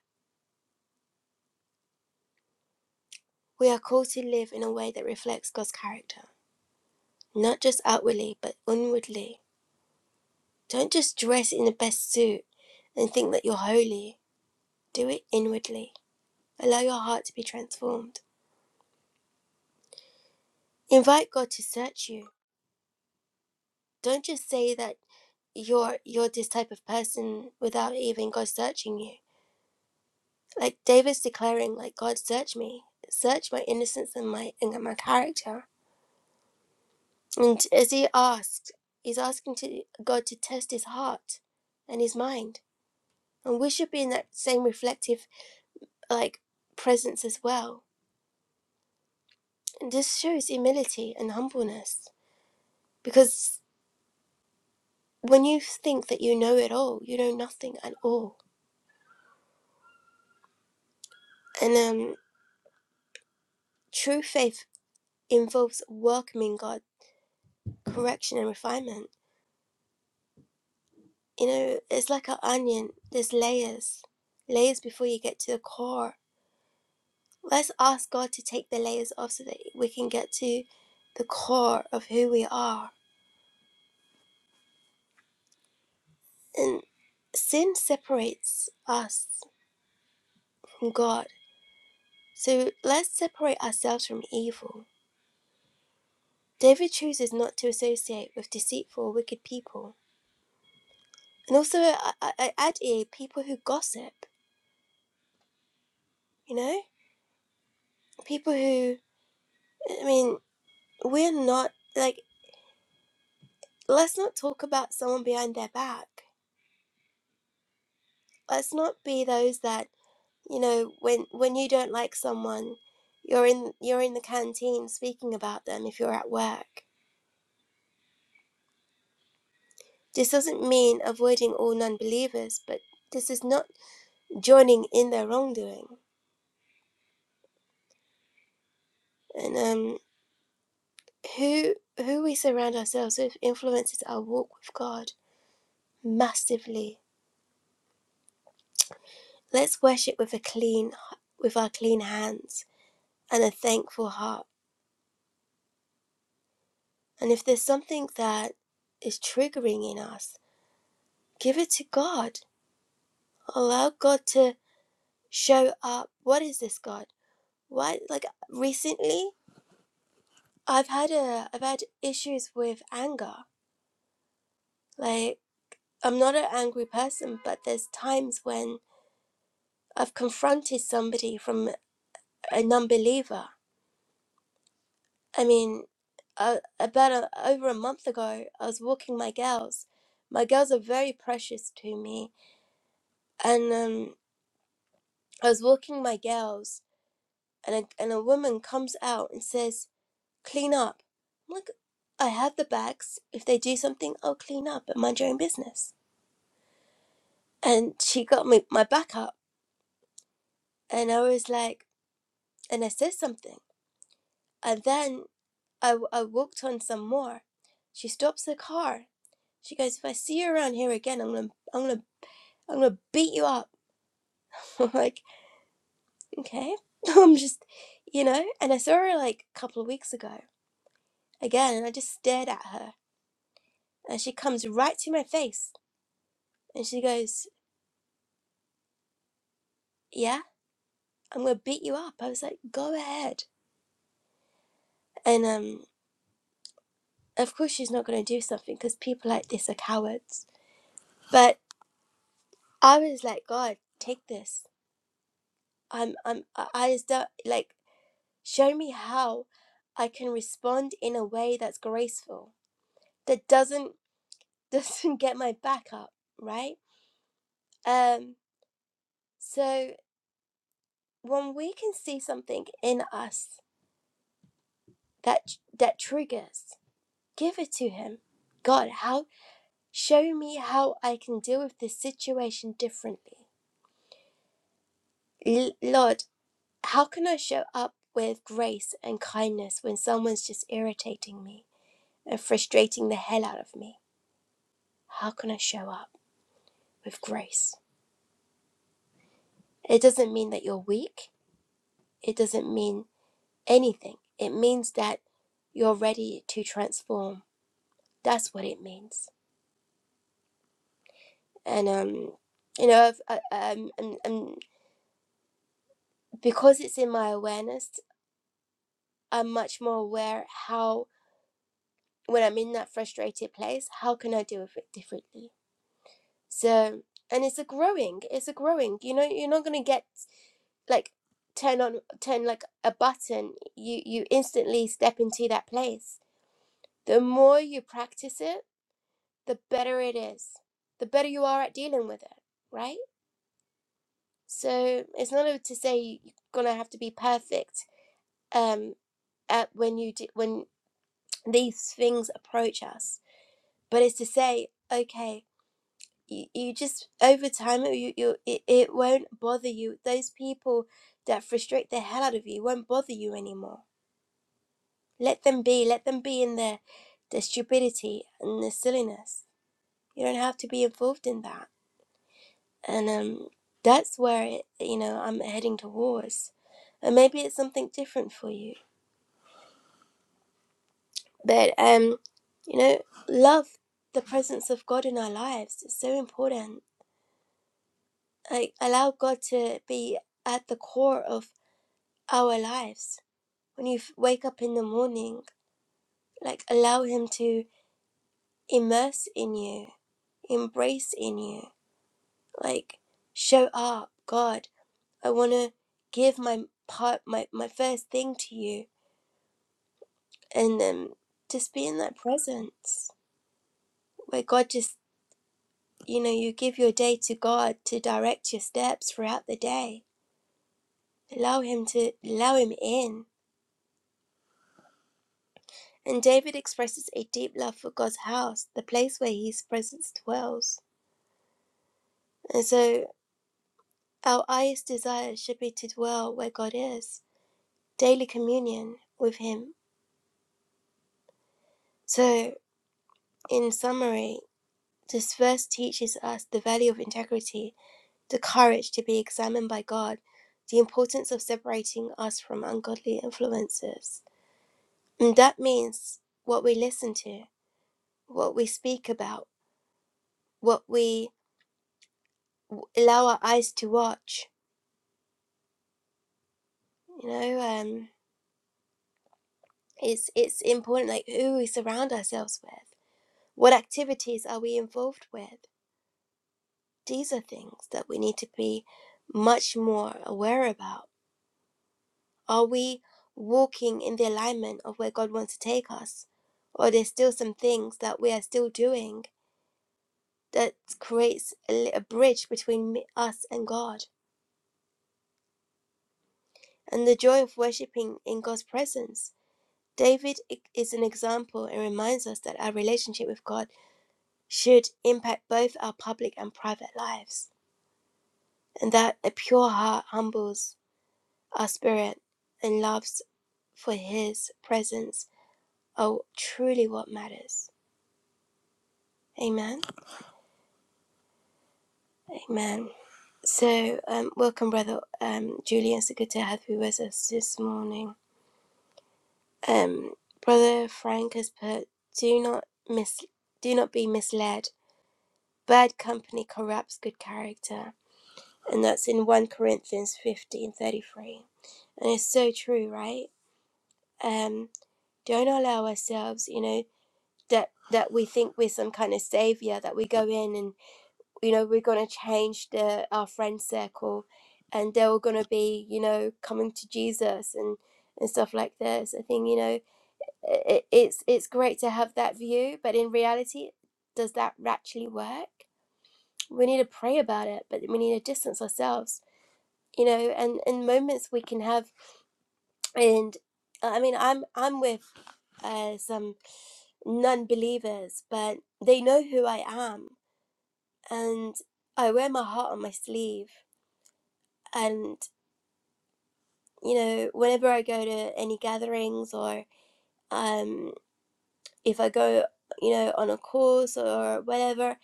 We are called to live in a way that reflects God's character, not just outwardly, but inwardly. Don't just dress in the best suit and think that you're holy. Do it inwardly. Allow your heart to be transformed. Invite God to search you. Don't just say that you're you're this type of person without even God searching you. Like David's declaring, like God search me, search my innocence and my and my character. And as he asked, he's asking to God to test his heart and his mind. And we should be in that same reflective like presence as well. And this shows humility and humbleness. Because when you think that you know it all, you know nothing at all. And um True faith involves welcoming God, correction, and refinement. You know, it's like an onion, there's layers, layers before you get to the core. Let's ask God to take the layers off so that we can get to the core of who we are. And sin separates us from God. So let's separate ourselves from evil. David chooses not to associate with deceitful, wicked people. And also, I, I add here people who gossip, you know? people who i mean we're not like let's not talk about someone behind their back let's not be those that you know when when you don't like someone you're in you're in the canteen speaking about them if you're at work this doesn't mean avoiding all non-believers but this is not joining in their wrongdoing and um who who we surround ourselves with influences our walk with god massively let's worship with a clean with our clean hands and a thankful heart. And if there's something that is triggering in us, give it to God. Allow God to show up. What is this, God? Why? Like recently, I've had a I've had issues with anger. Like I'm not an angry person, but there's times when I've confronted somebody from a non-believer. I mean, uh, about a, over a month ago, I was walking my girls. My girls are very precious to me, and um, I was walking my girls, and a, and a woman comes out and says, "Clean up." I'm like, I have the bags. If they do something, I'll clean up and mind your own business. And she got me my back up, and I was like, and I said something, and then I I walked on some more. She stops the car. She goes, "If I see you around here again, I'm gonna I'm gonna I'm gonna beat you up." I'm like, okay, I'm just, you know. And I saw her like a couple of weeks ago again, and I just stared at her And she comes right to my face and she goes, Yeah, I'm going to beat you up. I was like, Go ahead. And um, of course, she's not going to do something because people like this are cowards. But I was like, God, take this. I'm, I'm, I I just don't like, show me how I can respond in a way that's graceful, that doesn't, doesn't get my back up, right? Um, so when we can see something in us that that triggers Give it to him. God, how show me how I can deal with this situation differently. L- Lord, how can I show up with grace and kindness when someone's just irritating me and frustrating the hell out of me? How can I show up with grace? It doesn't mean that you're weak. It doesn't mean anything. It means that you're ready to transform. That's what it means. And um, you know, I've, I, um, and, and because it's in my awareness I'm much more aware how, when I'm in that frustrated place, how can I deal with it differently? So, and it's a growing, it's a growing. You know, you're not gonna get like turn on turn like a button you you instantly step into that place the more you practice it the better it is the better you are at dealing with it right so it's not to say you- you're gonna have to be perfect um at when you do, when these things approach us but it's to say okay you, you just over time you, you it, it won't bother you those people that frustrate the hell out of you won't bother you anymore let them be let them be in their their stupidity and their silliness you don't have to be involved in that and um that's where it, you know i'm heading towards and maybe it's something different for you but um you know love the presence of god in our lives is so important like allow God to be at the core of our lives. When you f- wake up in the morning, like allow Him to immerse in you, embrace in you, like show up, God. I want to give my part, my my first thing to you, and um, just be in that presence where God just, you know, you give your day to God to direct your steps throughout the day. Allow Him to allow Him in And David expresses a deep love for God's house, the place where his presence dwells. And so our highest desire should be to dwell where God is, daily communion with him. So, in summary, this verse teaches us the value of integrity, the courage to be examined by God, the importance of separating us from ungodly influences. And that means what we listen to, what we speak about, what we allow our eyes to watch, You know, um, it's it's important like who we surround ourselves with. What activities are we involved with? These are things that we need to be much more aware about. Are we walking in the alignment of where God wants to take us? Or there's still some things that we are still doing that creates a, li- a bridge between me, us and God. And the joy of worshipping in God's presence. David i- is an example and reminds us that our relationship with God should impact both our public and private lives, and that a pure heart humbles our spirit and loves for His presence are truly what matters. Amen. Amen. So, um, welcome, Brother um, Julian. So good to have you with us this morning. Um, Brother Frank has put, "Do not mis, do not be misled. Bad company corrupts good character," and that's in one Corinthians fifteen thirty three. And it's so true, right? Um, don't allow ourselves, you know, that that we think we're some kind of savior, that we go in and you know, we're gonna change the our friend circle and they're all gonna be, you know, coming to Jesus and and stuff like this. I think, you know, it, it's it's great to have that view, but in reality, does that actually work? We need to pray about it, but we need to distance ourselves, you know, and in moments we can have and uh, I mean I'm I'm with uh, some non-believers, but they know who I am, and I wear my heart on my sleeve. And you know, whenever I go to any gatherings or um, if I go, you know, on a course or whatever,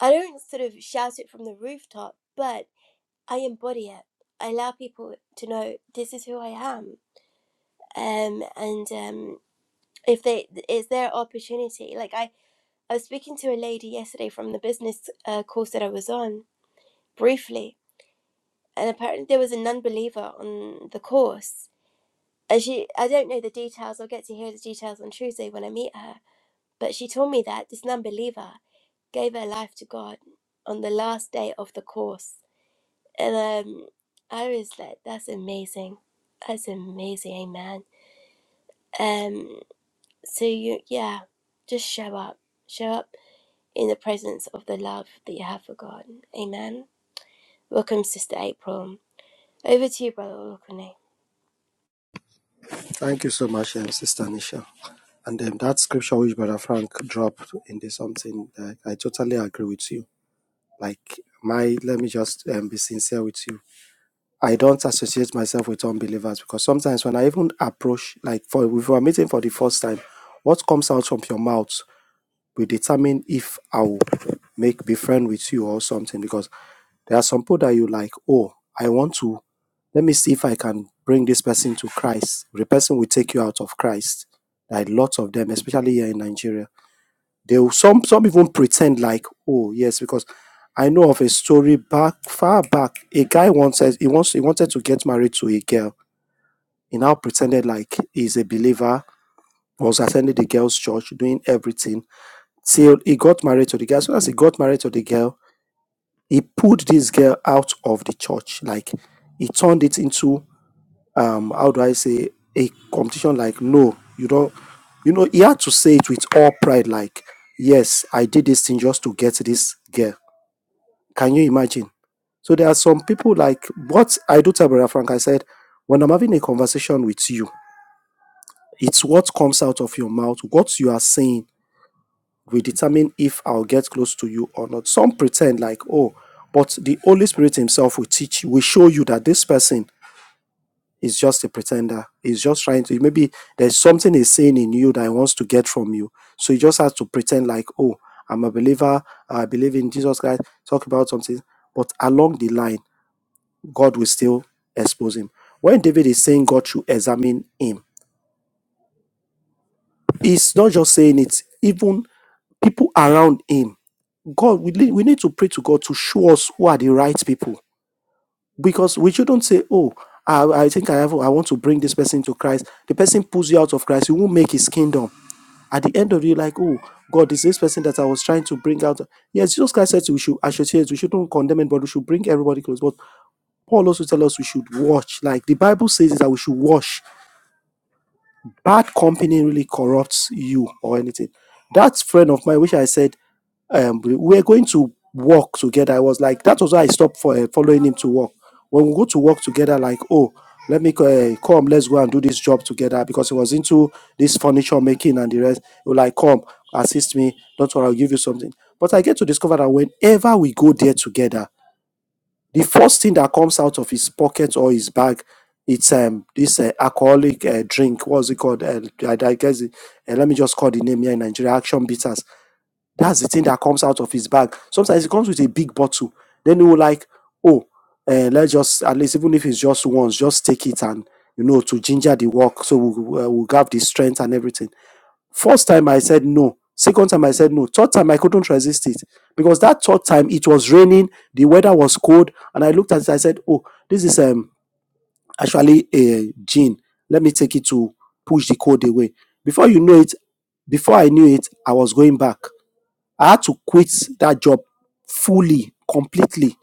I don't sort of shout it from the rooftop, but I embody it. I allow people to know this is who I am, um, and um, if they it's their opportunity, like I. I was speaking to a lady yesterday from the business uh, course that I was on briefly, and apparently there was a non believer on the course. And she, I don't know the details, I'll get to hear the details on Tuesday when I meet her, but she told me that this non believer gave her life to God on the last day of the course. And um, I was like, that's amazing. That's amazing, amen. Um, so, you, yeah, just show up. Show up in the presence of the love that you have for God. Amen. Welcome, Sister April. Over to you, Brother Olukuni. Thank you so much, um, Sister Nisha. And um, that scripture which Brother Frank dropped in this something, that I totally agree with you. Like, my, let me just um, be sincere with you. I don't associate myself with unbelievers because sometimes when I even approach, like, for if we are meeting for the first time, what comes out from your mouth will determine if I'll make be friend with you or something because there are some people that you like, oh, I want to let me see if I can bring this person to Christ. The person will take you out of Christ. There are lots of them, especially here in Nigeria. They will, some some even pretend like, oh yes, because I know of a story back far back. A guy once says he wants he wanted to get married to a girl. He now pretended like he's a believer, was attending the girl's church, doing everything till he got married to the girl. As soon as he got married to the girl, he pulled this girl out of the church. Like he turned it into um how do I say a competition like no, you don't you know, he had to say it with all pride, like, yes, I did this thing just to get this girl. Can you imagine? So there are some people like what I do tell Brother Frank, I said, when I'm having a conversation with you, it's what comes out of your mouth, what you are saying will determine if I'll get close to you or not. Some pretend like, oh, but the Holy Spirit Himself will teach you, will show you that this person is just a pretender. He's just trying to, maybe there's something he's saying in you that he wants to get from you. So you just have to pretend like, oh, I'm a believer. I believe in Jesus Christ. Talk about something. But along the line, God will still expose him. When David is saying God should examine him, He's not just saying it, even people around him. God, we, need- we need to pray to God to show us who are the right people because we shouldn't say, oh, I, I think I have, I want to bring this person to Christ. The person pulls you out of Christ, you won't make his kingdom. At the end of it, you're like, oh, God, is this person that I was trying to bring out? Yes, Jesus Christ said we should associate, we shouldn't condemn anybody, we should bring everybody close. But Paul also tells us we should watch. Like the Bible says that we should watch Bad company really corrupts you or anything. That friend of mine, which I said, um, we we were going to work together. I was like, that was why I stopped for uh, following him to work. When we go to work together, like, oh, let me uh, come, let's go and do this job together because he was into this furniture making and the rest. He was like, come, assist me. Don't worry, I'll give you something. But I get to discover that whenever we go there together, the first thing that comes out of his pocket or his bag, it's um this uh, alcoholic uh, drink. What's it called? Uh, I, I guess it, uh, let me just call the name here in Nigeria. Action bitters. That's the thing that comes out of his bag. Sometimes it comes with a big bottle. Then he will like, oh, uh, let's just at least even if it's just once, just take it and you know to ginger the work. So we will we'll have the strength and everything. First time I said no. Second time I said no. Third time I couldn't resist it because that third time it was raining, the weather was cold, and I looked at it. I said, "Oh, this is um actually a gin. Let me take it to push the cold away." Before you know it, before I knew it, I was going back. I had to quit that job fully, completely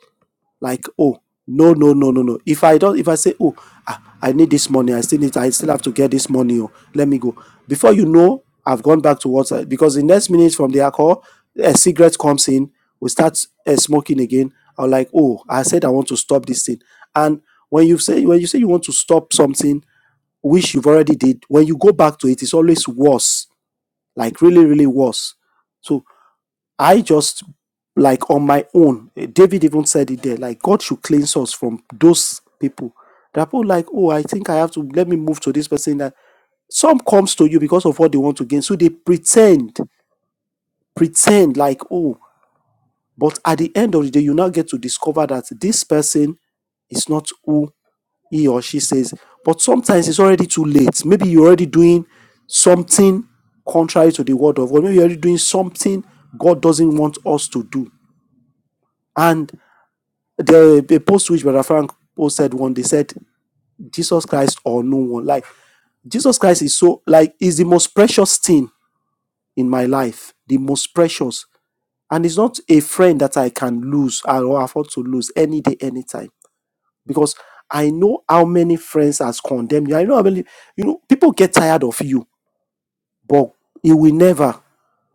like oh no no no no no if i don't if i say oh ah, i need this money i still need i still have to get this money oh let me go before you know i've gone back to what because the next minute from the alcohol a cigarette comes in we start uh, smoking again i'm like oh i said i want to stop this thing and when you say when you say you want to stop something which you've already did when you go back to it it's always worse like really really worse So. I just like on my own. eh, David even said it there, like God should cleanse us from those people. There are people like, oh, I think I have to let me move to this person. That some comes to you because of what they want to gain. So they pretend, pretend like, oh, but at the end of the day, you now get to discover that this person is not who he or she says. But sometimes it's already too late. Maybe you're already doing something contrary to the word of God. Maybe you're already doing something God doesn't want us to do. And the the post which Brother Frank posted one, they said Jesus Christ or no one. Like Jesus Christ is so like is the most precious thing in my life, the most precious, and it's not a friend that I can lose or afford to lose any day, anytime, because I know how many friends has condemned you. I know how many you know people get tired of you, but it will never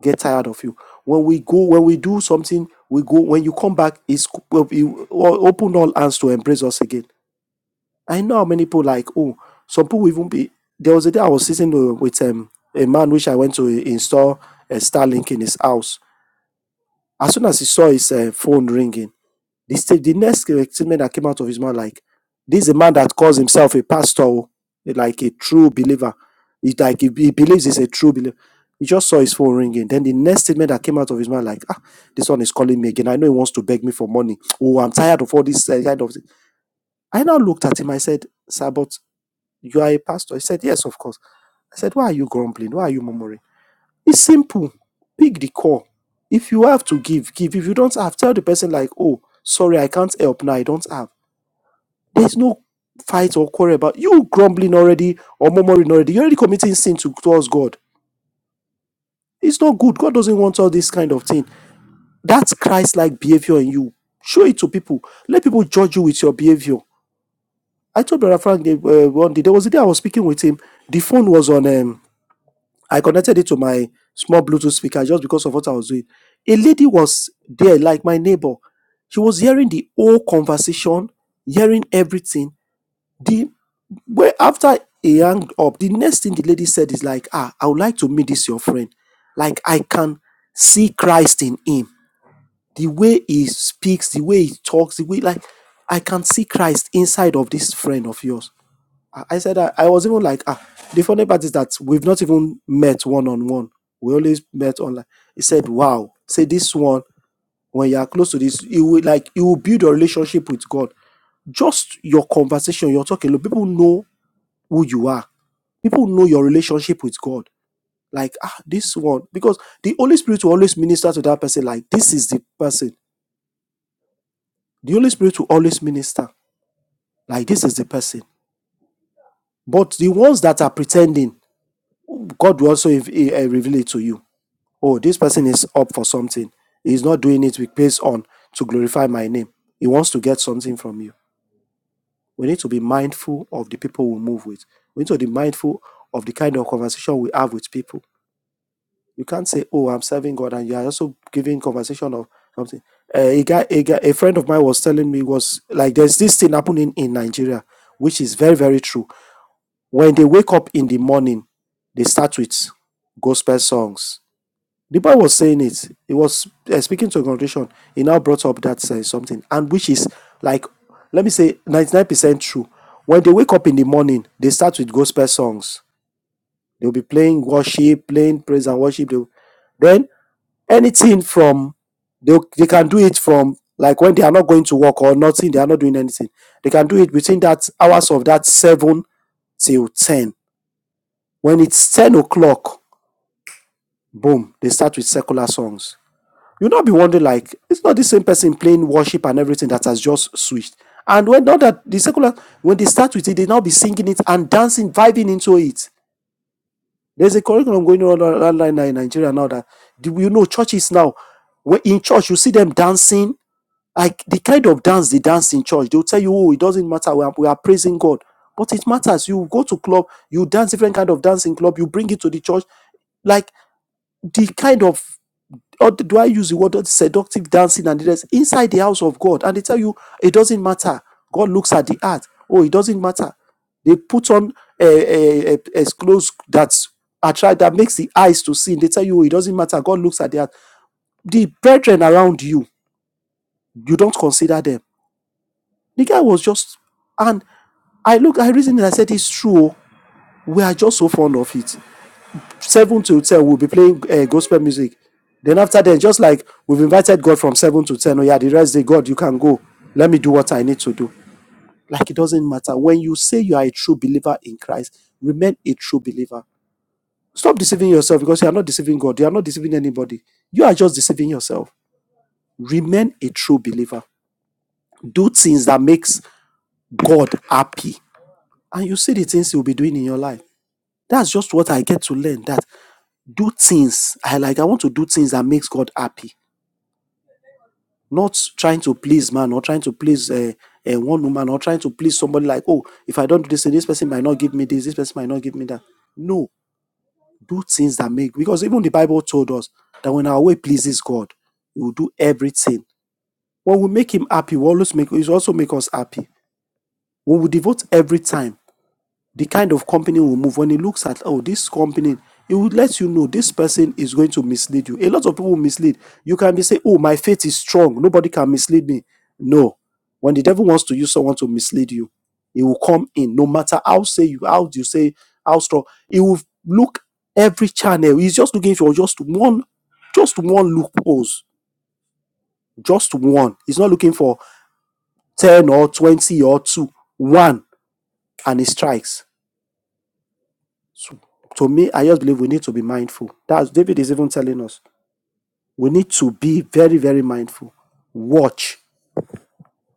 get tired of you. When we go, when we do something, we go. When you come back, it's well, you open all hands to embrace us again. I know how many people like, oh, some people even be. There was a day I was sitting uh, with um, a man which I went to install a Starlink in his house. As soon as he saw his uh, phone ringing, the, sta- the next statement that came out of his mouth, like, this is a man that calls himself a pastor, oh, like a true believer. It's like he, he believes he's a true believer. He just saw his phone ringing. Then the next statement that came out of his mouth, like, ah, this one is calling me again. I know he wants to beg me for money. Oh, I'm tired of all this uh, kind of thing. I now looked at him. I said, Sir, but you are a pastor. He said, Yes, of course. I said, Why are you grumbling? Why are you murmuring? It's simple. Pick the call. If you have to give, give. If you don't have, tell the person, like, Oh, sorry, I can't help now. I don't have. There's no fight or quarrel about you grumbling already or murmuring already. You're already committing sin to, towards God. It's not good. God doesn't want all this kind of thing. That's Christ like behavior in you. Show it to people. Let people judge you with your behavior. I told Brother Frank uh, one day, there was a day I was speaking with him. The phone was on. Um, I connected it to my small Bluetooth speaker just because of what I was doing. A lady was there, like my neighbor. She was hearing the whole conversation, hearing everything. The well, after he hung up, the next thing the lady said is like, "Ah, I would like to meet this your friend. Like I can see Christ in him. The way he speaks, the way he talks, the way like I can see Christ inside of this friend of yours." I I said I, I was even like, ah, the funny part is that we've not even met one on one. We always met online. He said, Wow, say this one, when you are close to this, you will like you will build a relationship with God. Just your conversation, you're talking, look, people know who you are. People know your relationship with God. Like, ah, this one. Because the Holy Spirit will always minister to that person, like this is the person. The Holy Spirit will always minister, like this is the person. But the ones that are pretending, God will also eh, eh, reveal it to you Oh, this person is up for something. He's not doing it with based on to glorify my name. He wants to get something from you. We need to be mindful of the people we move with. We need to be mindful of the kind of conversation we have with people. You can't say, "Oh, I'm serving God," and you are also giving conversation of something. Uh, a guy, a guy, a friend of mine was telling me was like, "There's this thing happening in Nigeria, which is very, very true. When they wake up in the morning, they start with gospel songs the boy was saying it. He was uh, speaking to a congregation. He now brought up that uh, something, and which is like, let me say, ninety nine percent true. When they wake up in the morning, they start with gospel songs. They'll be playing worship, playing praise and worship. They'll- then anything from they they can do it from like when they are not going to work or nothing, they are not doing anything. They can do it between that hours of that seven till ten. When it's ten o'clock, boom, they start with secular songs You'll not be wondering, like, it's not the same person playing worship and everything that has just switched. And when not that the secular, when they start with it, they now be singing it and dancing, vibing into it. There's a curriculum going on online in Nigeria now that do you know churches now. When in church, you see them dancing, like the kind of dance they dance in church. They'll tell you, oh, it doesn't matter. We are, we are praising God, but it matters. You go to club, you dance different kind of dancing club. You bring it to the church, like the kind of or do I use the word seductive dancing and the rest inside the house of God? And they tell you it doesn't matter. God looks at the heart. Oh, it doesn't matter. They put on a, a, a, clothes that's attract that makes the eyes to see. They tell you oh, it doesn't matter. God looks at the heart. The brethren around you, you don't consider them. The guy was just, and I look, I reasoned, and I said it's true. oh. We are just so fond of it. 7 to 10 we'll be playing uh, gospel music then after then just like we've invited god from 7 to 10 oh yeah the rest day god you can go let me do what i need to do like it doesn't matter when you say you are a true believer in christ remain a true believer stop deceiving yourself because you are not deceiving god you are not deceiving anybody you are just deceiving yourself remain a true believer do things that makes god happy and you see the things you'll be doing in your life that's just what i get to learn that do things i like i want to do things that makes god happy not trying to please man or trying to please uh, uh, one woman or trying to please somebody like, oh, if I don't do this this person might not give me this, this person might not give me that. No, do things that make, because even the Bible told us that when our way pleases God, we will do everything. When we make him happy, we always make, he also make us happy. When we devote every time the kind of company will move when it looks at oh this company it would let you know this person is going to mislead you a lot of people mislead you can be say oh my faith is strong nobody can mislead me no when the devil wants to use someone to mislead you he will come in no matter how say you how you say how strong he will look every channel he's just looking for just one just one loopholes just one he's not looking for 10 or 20 or 2 one and he strikes to me, I just believe we need to be mindful. That's David is even telling us we need to be very, very mindful. Watch,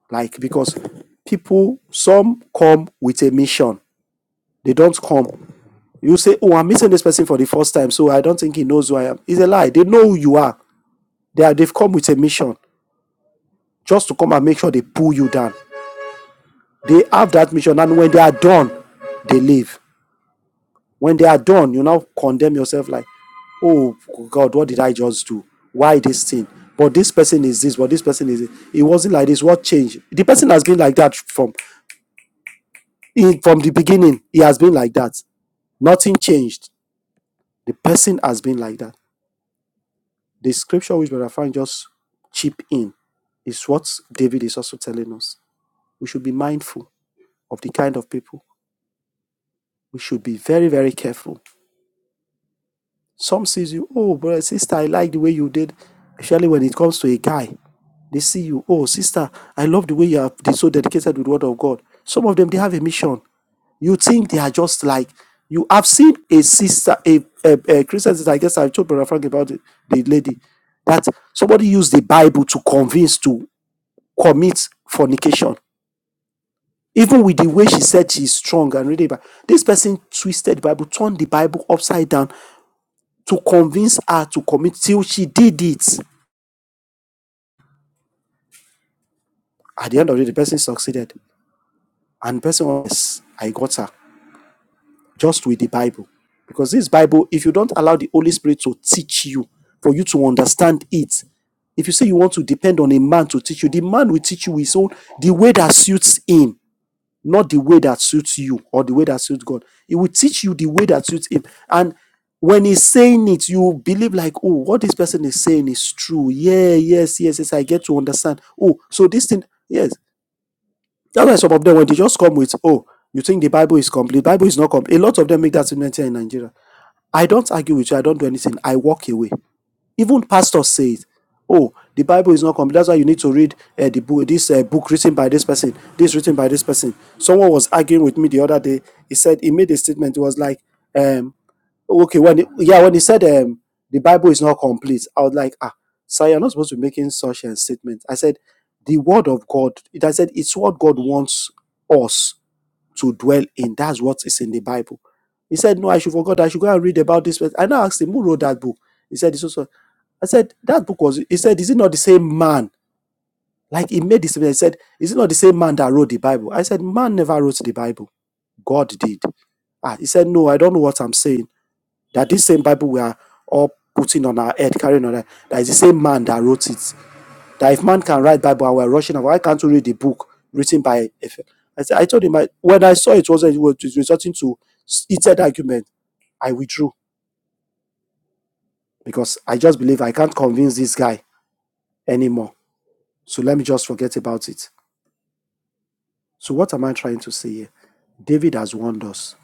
like because people some come with a mission. They don't come. You say, "Oh, I'm meeting this person for the first time, so I don't think he knows who I am." It's a lie. They know who you are. They are, they've come with a mission just to come and make sure they pull you down. They have that mission, and when they are done, they leave. When they are done, you now condemn yourself like, oh God, what did I just do? Why this thing? But this person is this, but this person is it. It wasn't like this. What changed? The person has been like that from from the beginning. He has been like that. Nothing changed. The person has been like that. The scripture which Brother Frank just chip in is what David is also telling us. We should be mindful of the kind of people. We should be very, very careful. Some sees you, oh brother, sister, I like the way you did. Especially when it comes to a guy. They see you. Oh, sister, I love the way you are de- so dedicated with the word of God. Some of them they have a mission. You think they are just like you have seen a sister, a, a, a Christian sister. I guess I told Brother Frank about the, the lady that somebody used the Bible to convince to commit fornication. Even with the way she said she's strong and reading the Bible, this person twisted the Bible, turned the Bible upside down to convince her to commit till she did it. At the end of it, the person succeeded. And the person was, I got her. just with the Bible. Because this Bible, if you don't allow the Holy Spirit to teach you, for you to understand it, if you say you want to depend on a man to teach you, the man will teach you his own, the way that suits him, not the way that suits you or the way that suits God. He will teach you the way that suits him. And when he's saying it, you believe like, oh, what this person is saying is true. Yeah, yes, yes, yes. I get to understand. Oh, so this thing, yes. That's why some of them when they just come with, oh, you think the Bible is complete? Bible is not complete. A lot of them make that statement here in Nigeria. I don't argue with you. I don't do anything. I walk away. Even pastors say it. Oh, the Bible is not complete. That's why you need to read uh, the book. This uh, book written by this person. This written by this person. Someone was arguing with me the other day. He said he made a statement. It was like, um, okay when he, yeah when he said um the bible is not complete i was like ah sir you're not supposed to be making such a statement i said the word of god it i said it's what god wants us to dwell in that's what is in the bible he said no i should forget. i should go and read about this i now asked him who wrote that book he said it's also i said that book was he said is it not the same man like he made this statement. he said is it not the same man that wrote the bible i said man never wrote the bible god did ah he said no i don't know what i'm saying that this same Bible we are all putting on our head, carrying on our head, that is the same man that wrote it. That if man can write Bible and we're rushing over, why can't we read the book written by F. L? I said, I told him I, when I saw it wasn't it was resulting to heated argument, I withdrew because I just believe I can't convince this guy anymore. So let me just forget about it. So what am I trying to say here? David has warned us.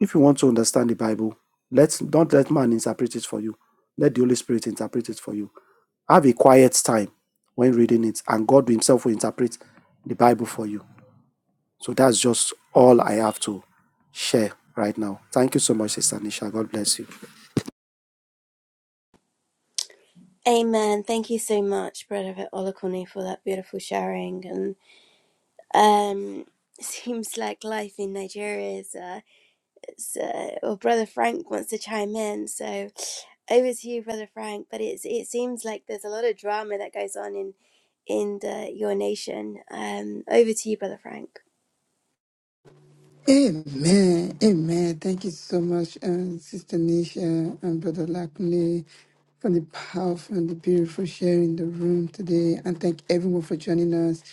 If you want to understand the Bible, let's don't let man interpret it for you. Let the Holy Spirit interpret it for you. Have a quiet time when reading it, and God Himself will interpret the Bible for you. So that's just all I have to share right now. Thank you so much, Sister Nisha. God bless you. Amen. Thank you so much, Brother Olukuni, for that beautiful sharing. And um, seems like life in Nigeria is. Uh, it's, uh, well, Brother Frank wants to chime in, so over to you, Brother Frank. But it's it seems like there's a lot of drama that goes on in in the, your nation. Um, over to you, Brother Frank. Amen. Amen. Thank you so much, um, Sister Nisha and Brother Lakme, for the powerful and the beautiful sharing in the room today. And thank everyone for joining us.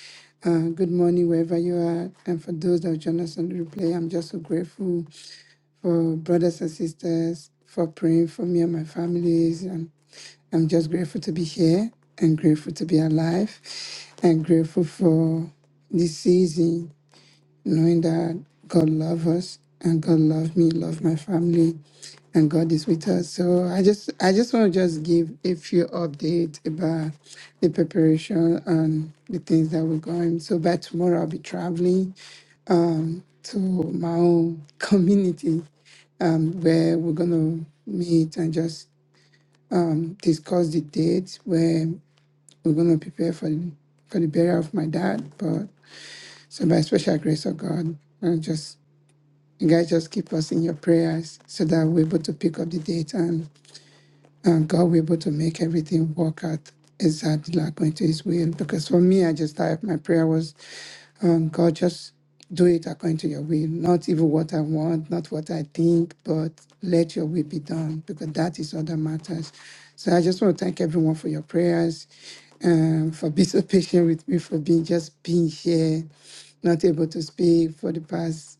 Uh, good morning, wherever you are. And for those that join us on the replay, I'm just so grateful for brothers and sisters for praying for me and my families. And I'm just grateful to be here and grateful to be alive and grateful for this season knowing that God loves us and God loved me, loved my family, and God is with us. So I just I just want to just give a few updates about the preparation and the things that we're going. So by tomorrow I'll be traveling to my own community um, where we're gonna meet and just discuss the dates where we're gonna prepare for the for the burial of my dad. But so by special grace of God, I just You guys just keep us in your prayers so that we're able to pick up the date and, and God will be able to make everything work out exactly like according to His will. Because for me, I just type my prayer was, um, God, just do it according to your will, not even what I want, not what I think, but let your will be done because that is all that matters. So I just want to thank everyone for your prayers, um, for being so patient with me, for being just being here, not able to speak for the past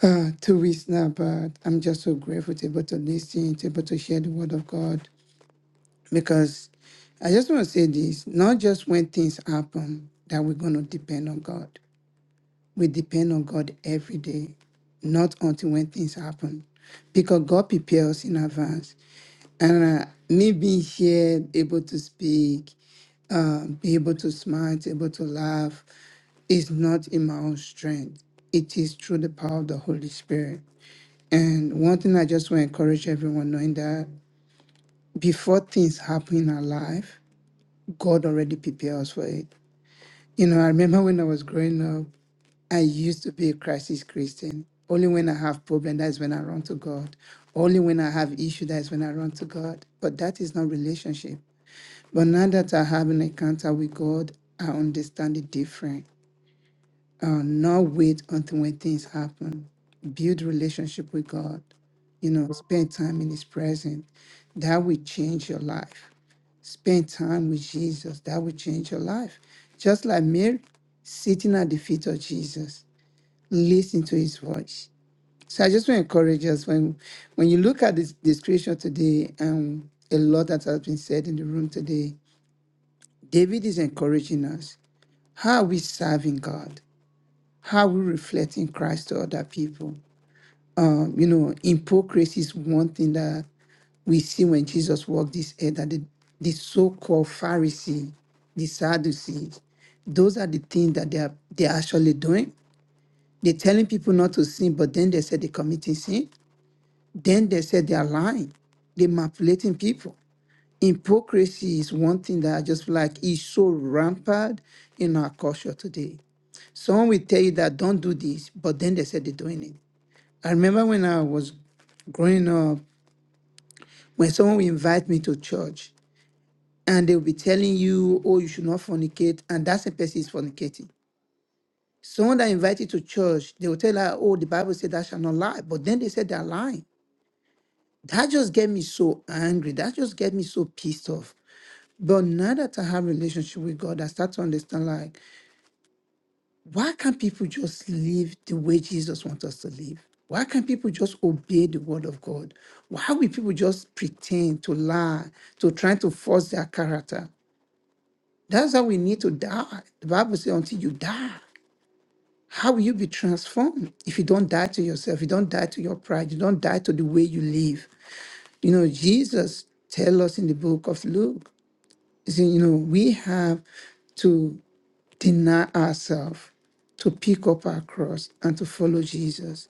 uh, two weeks now, but I'm just so grateful to able to listen, to able to share the word of God. Because I just want to say this not just when things happen that we're going to depend on God. We depend on God every day, not until when things happen. Because God prepares us in advance. And uh, me being here, able to speak, uh, be able to smile, to able to laugh, is not in my own strength. It is through the power of the Holy Spirit. And one thing I just want to encourage everyone knowing that before things happen in our life, God already prepared us for it. You know, I remember when I was growing up, I used to be a crisis Christian. Only when I have problem, that's when I run to God. Only when I have issue, that's when I run to God. But that is not relationship. But now that I have an encounter with God, I understand it different. uh, not wait until when things happen build relationship with god you know spend time in his presence that will change your life spend time with jesus that will change your life just like mary sitting at the feet of jesus listen to his voice so i just want to encourage us when when you look at this, this scripture today and a lot that has been said in the room today david is encouraging us how are we serving god how we reflecting Christ to other people. Um, you know, hypocrisy is one thing that we see when Jesus walked this earth that the, the so-called Pharisee, the Sadducees, those are the things that they are they're actually doing. They're telling people not to sin, but then they said they're committing sin. Then they said they are lying. They're manipulating people. Hypocrisy is one thing that I just feel like is so rampant in our culture today. Someone will tell you that don't do this, but then they said they're doing it. I remember when I was growing up, when someone would invite me to church and they would be telling you, oh, you should not fornicate, and that's same person is fornicating. Someone that invited to church, they will tell her, oh, the Bible said that shall not lie. But then they said they're lying. That just get me so angry. That just get me so pissed off. But now that I have relationship with God, I start to understand like why can't people just live the way Jesus wants us to live? Why can't people just obey the word of God? Why will people just pretend to lie, to try to force their character? That's how we need to die. The Bible says, until you die, how will you be transformed if you don't die to yourself? You don't die to your pride. You don't die to the way you live. You know, Jesus tell us in the book of Luke, he said, you know, we have to deny ourselves, to pick up our cross, and to follow Jesus.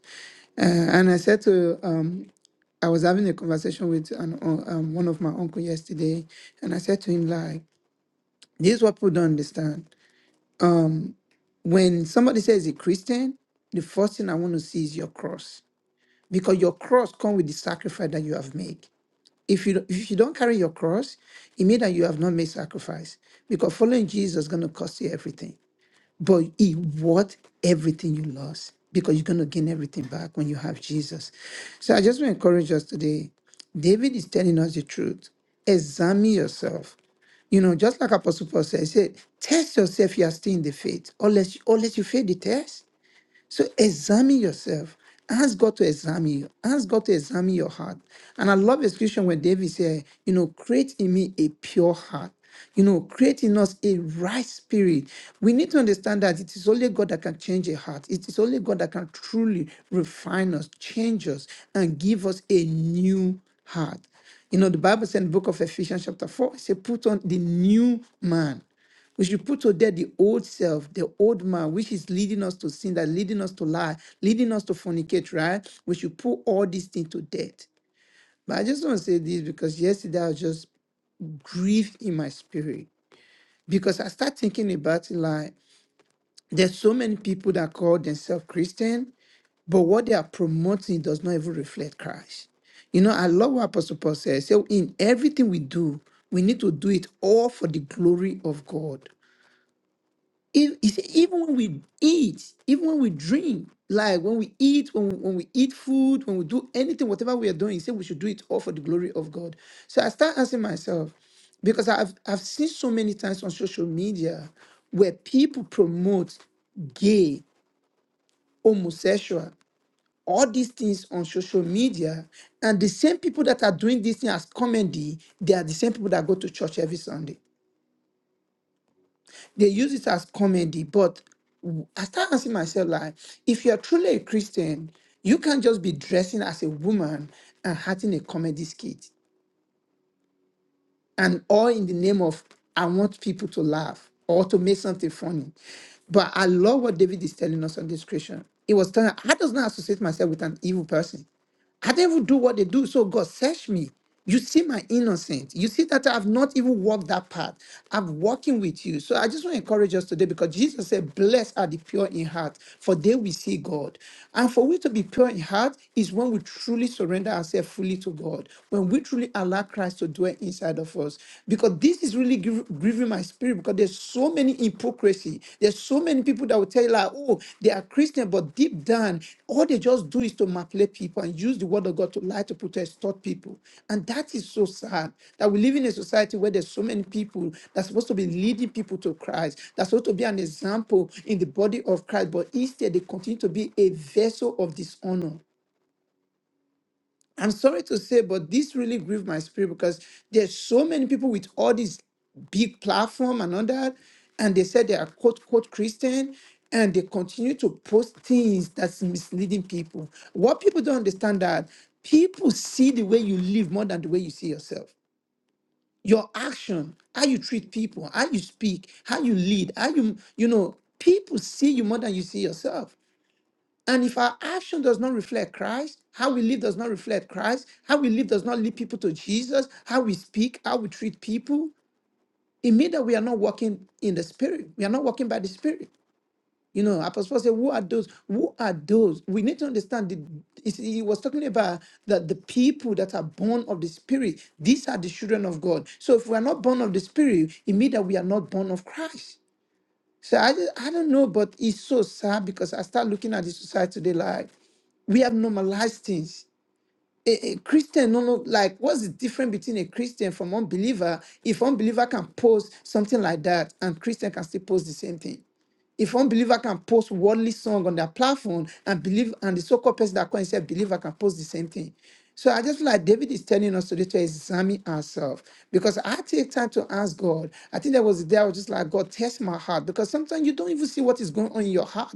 Uh, and I said to, um, I was having a conversation with an, un- um, one of my uncle yesterday, and I said to him, like, this is what people don't understand. When somebody says a Christian, the first thing I want to see is your cross, because your cross comes with the sacrifice that you have made. If you don't- if you don't carry your cross, it means that you have not made sacrifice, because following Jesus is going to cost you everything. But it worth everything you lost because you're going to gain everything back when you have Jesus. So I just want to encourage us today. David is telling us the truth. Examine yourself. You know, just like Apostle Paul said, he said, test yourself if you are still in the faith, unless, unless you fail the test. So examine yourself. Ask God to examine you. Ask God to examine your heart. And I love execution when David said, you know, create in me a pure heart. You know, create in us a right spirit. We need to understand that it is only God that can change a heart. It is only God that can truly refine us, change us, and give us a new heart. You know, the Bible said in the book of Ephesians, chapter 4, it says, put on the new man. We should put to death the old self, the old man, which is leading us to sin, that leading us to lie, leading us to fornicate, right? We should put all these things to death. But I just want to say this because yesterday I was just grieved in my spirit because I start thinking about it like there's so many people that call themselves Christian, but what they are promoting does not even reflect Christ. You know, I love what Apostle Paul says. So in everything we do, we need to do it all for the glory of God. If, he said, even when we eat, even when we drink, like when we eat, when we, when we eat food, when we do anything, whatever we are doing, he said we should do it all for the glory of God. So I start asking myself, because I've I've seen so many times on social media where people promote gay, homosexual, all these things on social media, and the same people that are doing this thing as comedy, they are the same people that go to church every Sunday. they use it as comedy. But w- I start asking myself, like, if you're truly a Christian, you can't just be dressing as a woman and having a comedy skit and all in the name of I want people to laugh or to make something funny. But I love what David is telling us on this Christian. He was telling, I does not associate myself with an evil person. I didn't even do what they do. So God, search me. You see my innocence. You see that I've not even walked that path. I'm walking with you. So I just want to encourage us today because Jesus said, Blessed are the pure in heart, for they will see God. And for we to be pure in heart is when we truly surrender ourselves fully to God. God, when we truly allow Christ to dwell inside of us, because this is really gr- grieving my spirit, because there's so many hypocrisy. There's so many people that will tell you, like, oh, they are Christian, but deep down, all they just do is to manipulate people and use the word of God to lie to protest people. And that is so sad that we live in a society where there's so many people that's supposed to be leading people to Christ, that's supposed to be an example in the body of Christ, but instead they continue to be a vessel of dishonor. I'm sorry to say, but this really grieved my spirit because there's so many people with all these big platform and all that, and they said they are quote quote Christian, and they continue to post things that's misleading people. What people don't understand that people see the way you live more than the way you see yourself. Your action, how you treat people, how you speak, how you lead, how you you know people see you more than you see yourself. And if our action does not reflect Christ, how we live does not reflect Christ, how we live does not lead people to Jesus, how we speak, how we treat people, it means that we are not walking in the spirit. We are not walking by the spirit. You know, Apostle Paul said, Who are those? Who are those? We need to understand the it's- he was talking about that the people that are born of the spirit, these are the children of God. So if we are not born of the spirit, it means that we are not born of Christ. So I, ju- I don't know, but it's so sad because I start looking at the society today like we have normalized things a, a Christian, no, no, like what's the difference between a Christian from unbeliever? If unbeliever can post something like that and Christian can still post the same thing. If unbeliever can post worldly song on their platform and believe and the so-called person that calls himself believer can post the same thing. So I just feel like David is telling us today to examine ourselves because I take time to ask God. I think there was a day I was just like, God, test my heart because sometimes you don't even see what is going on in your heart.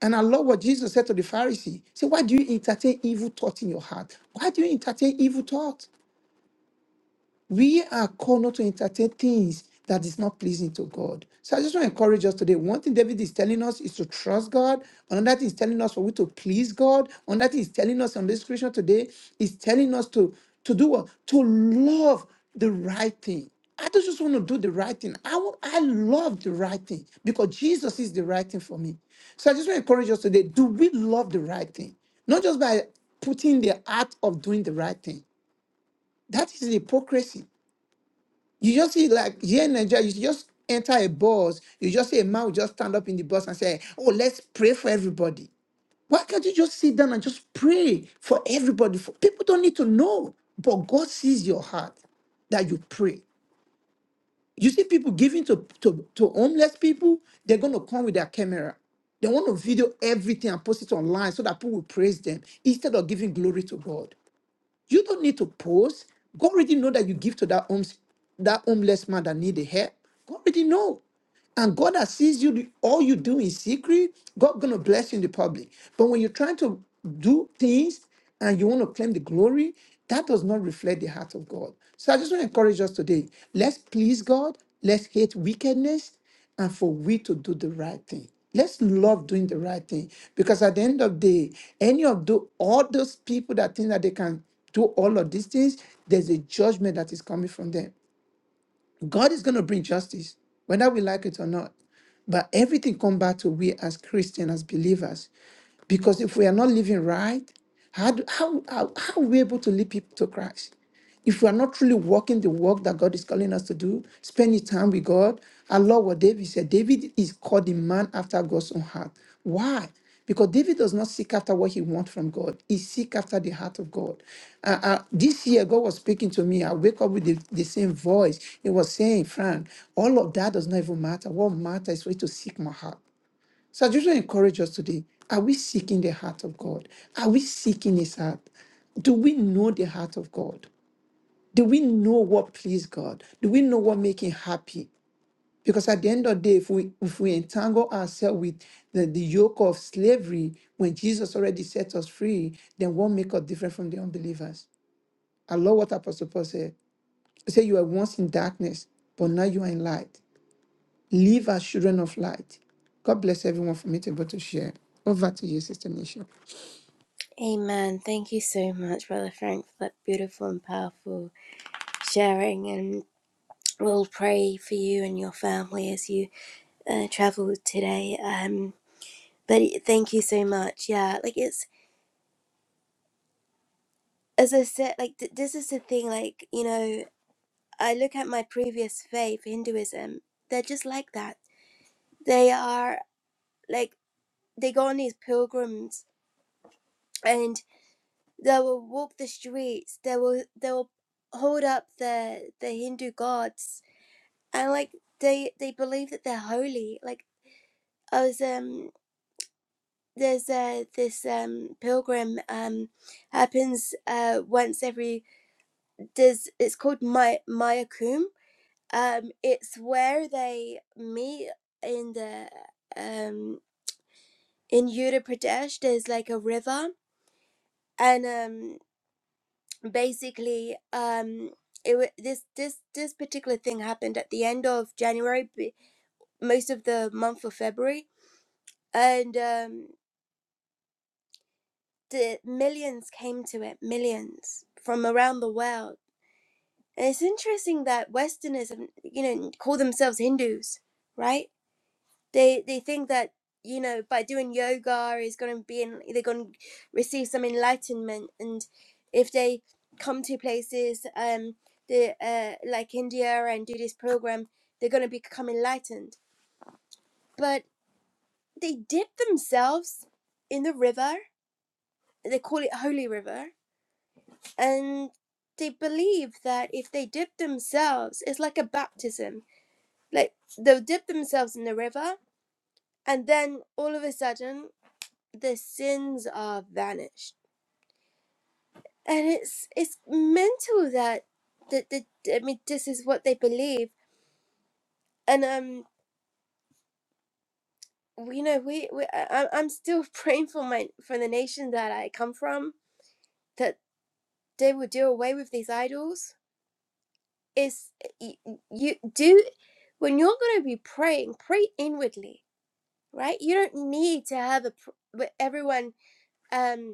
And I love what Jesus said to the Pharisee. He said, Why do you entertain evil thought in your heart? Why do you entertain evil thought? we are called not to entertain things that is not pleasing to God. So I just want to encourage us today. One thing David is telling us is to trust God. Another thing is telling us for we to please God. Another thing is telling us on this scripture today is telling us to to do what to love the right thing. I don't just want to do the right thing. I want, I love the right thing because Jesus is the right thing for me. So I just want to encourage us today. Do we love the right thing? Not just by putting the act of doing the right thing. That is hypocrisy. You just see, like here in Nigeria, you just enter a bus, you just see a man will just stand up in the bus and say, Oh, let's pray for everybody. Why can't you just sit down and just pray for everybody? For people don't need to know, but God sees your heart that you pray. You see people giving to, to, to homeless people, they're gonna come with their camera. They want to video everything and post it online so that people will praise them instead of giving glory to God. You don't need to post. God already know that you give to that homes, that homeless man that need the help. God already know. And God that sees you, do- all you do in secret, God gonna bless you in the public. But when you're trying to do things and you want to claim the glory, that does not reflect the heart of God. So I just want to encourage us today. Let's please God. Let's hate wickedness and for we to do the right thing. Let's love doing the right thing because at the end of the day, any of the all those people that think that they can do all of these things, there's a judgment that is coming from them. God is going to bring justice, whether we like it or not. But everything comes back to we as Christians, as believers. Because if we are not living right, how, do, how, how, how are we able to lead people to Christ? If we are not truly walking the work that God is calling us to do, spending time with God, our Lord, what David said, David is called the man after God's own heart. Why? because David does not seek after what he wants from God. He seek after the heart of God. Uh, uh, this year, God was speaking to me. I wake up with the, the same voice. He was saying, Frank, all of that does not even matter. What matters is for you to seek my heart. So I just want to encourage us today. Are we seeking the heart of God? Are we seeking his heart? Do we know the heart of God? Do we know what please God? Do we know what make him happy? Because at the end of the day, if we if we entangle ourselves with the, the yoke of slavery when Jesus already set us free, then what make us different from the unbelievers? I love what Apostle Paul said. He said, You were once in darkness, but now you are in light. Live as children of light. God bless everyone for me to be able to share. Over to you, Sister Nisha. Amen. Thank you so much, Brother Frank, for that beautiful and powerful sharing. We'll pray for you and your family as you uh, travel today. Um, but thank you so much. Yeah, like it's as I said, like th- this is the thing. Like you know, I look at my previous faith, Hinduism. They're just like that. They are like they go on these pilgrims and they will walk the streets. They will they will hold up the the Hindu gods and like they they believe that they're holy. Like I was um there's uh, this um pilgrim um happens uh once every there's it's called my Mayakum. Um it's where they meet in the um in Uttar Pradesh there's like a river and um basically um it wa- this this this particular thing happened at the end of January b- most of the month of February and um the millions came to it millions from around the world And It's interesting that Westerners, you know, call themselves Hindus, right? They they think that you know by doing yoga is going to be in, they're going to receive some enlightenment, and if they come to places um the uh like India and do this program, they're going to become enlightened. But they dip themselves in the river. They call it holy river, and they believe that if they dip themselves, it's like a baptism like they'll dip themselves in the river and then all of a sudden their sins are vanished and it's it's mental that that, that i mean this is what they believe and um you know we, we I, I- i'm still praying for my for the nation that i come from that they will do away with these idols it's you, you do when you're going to be praying pray inwardly right you don't need to have a pr- everyone um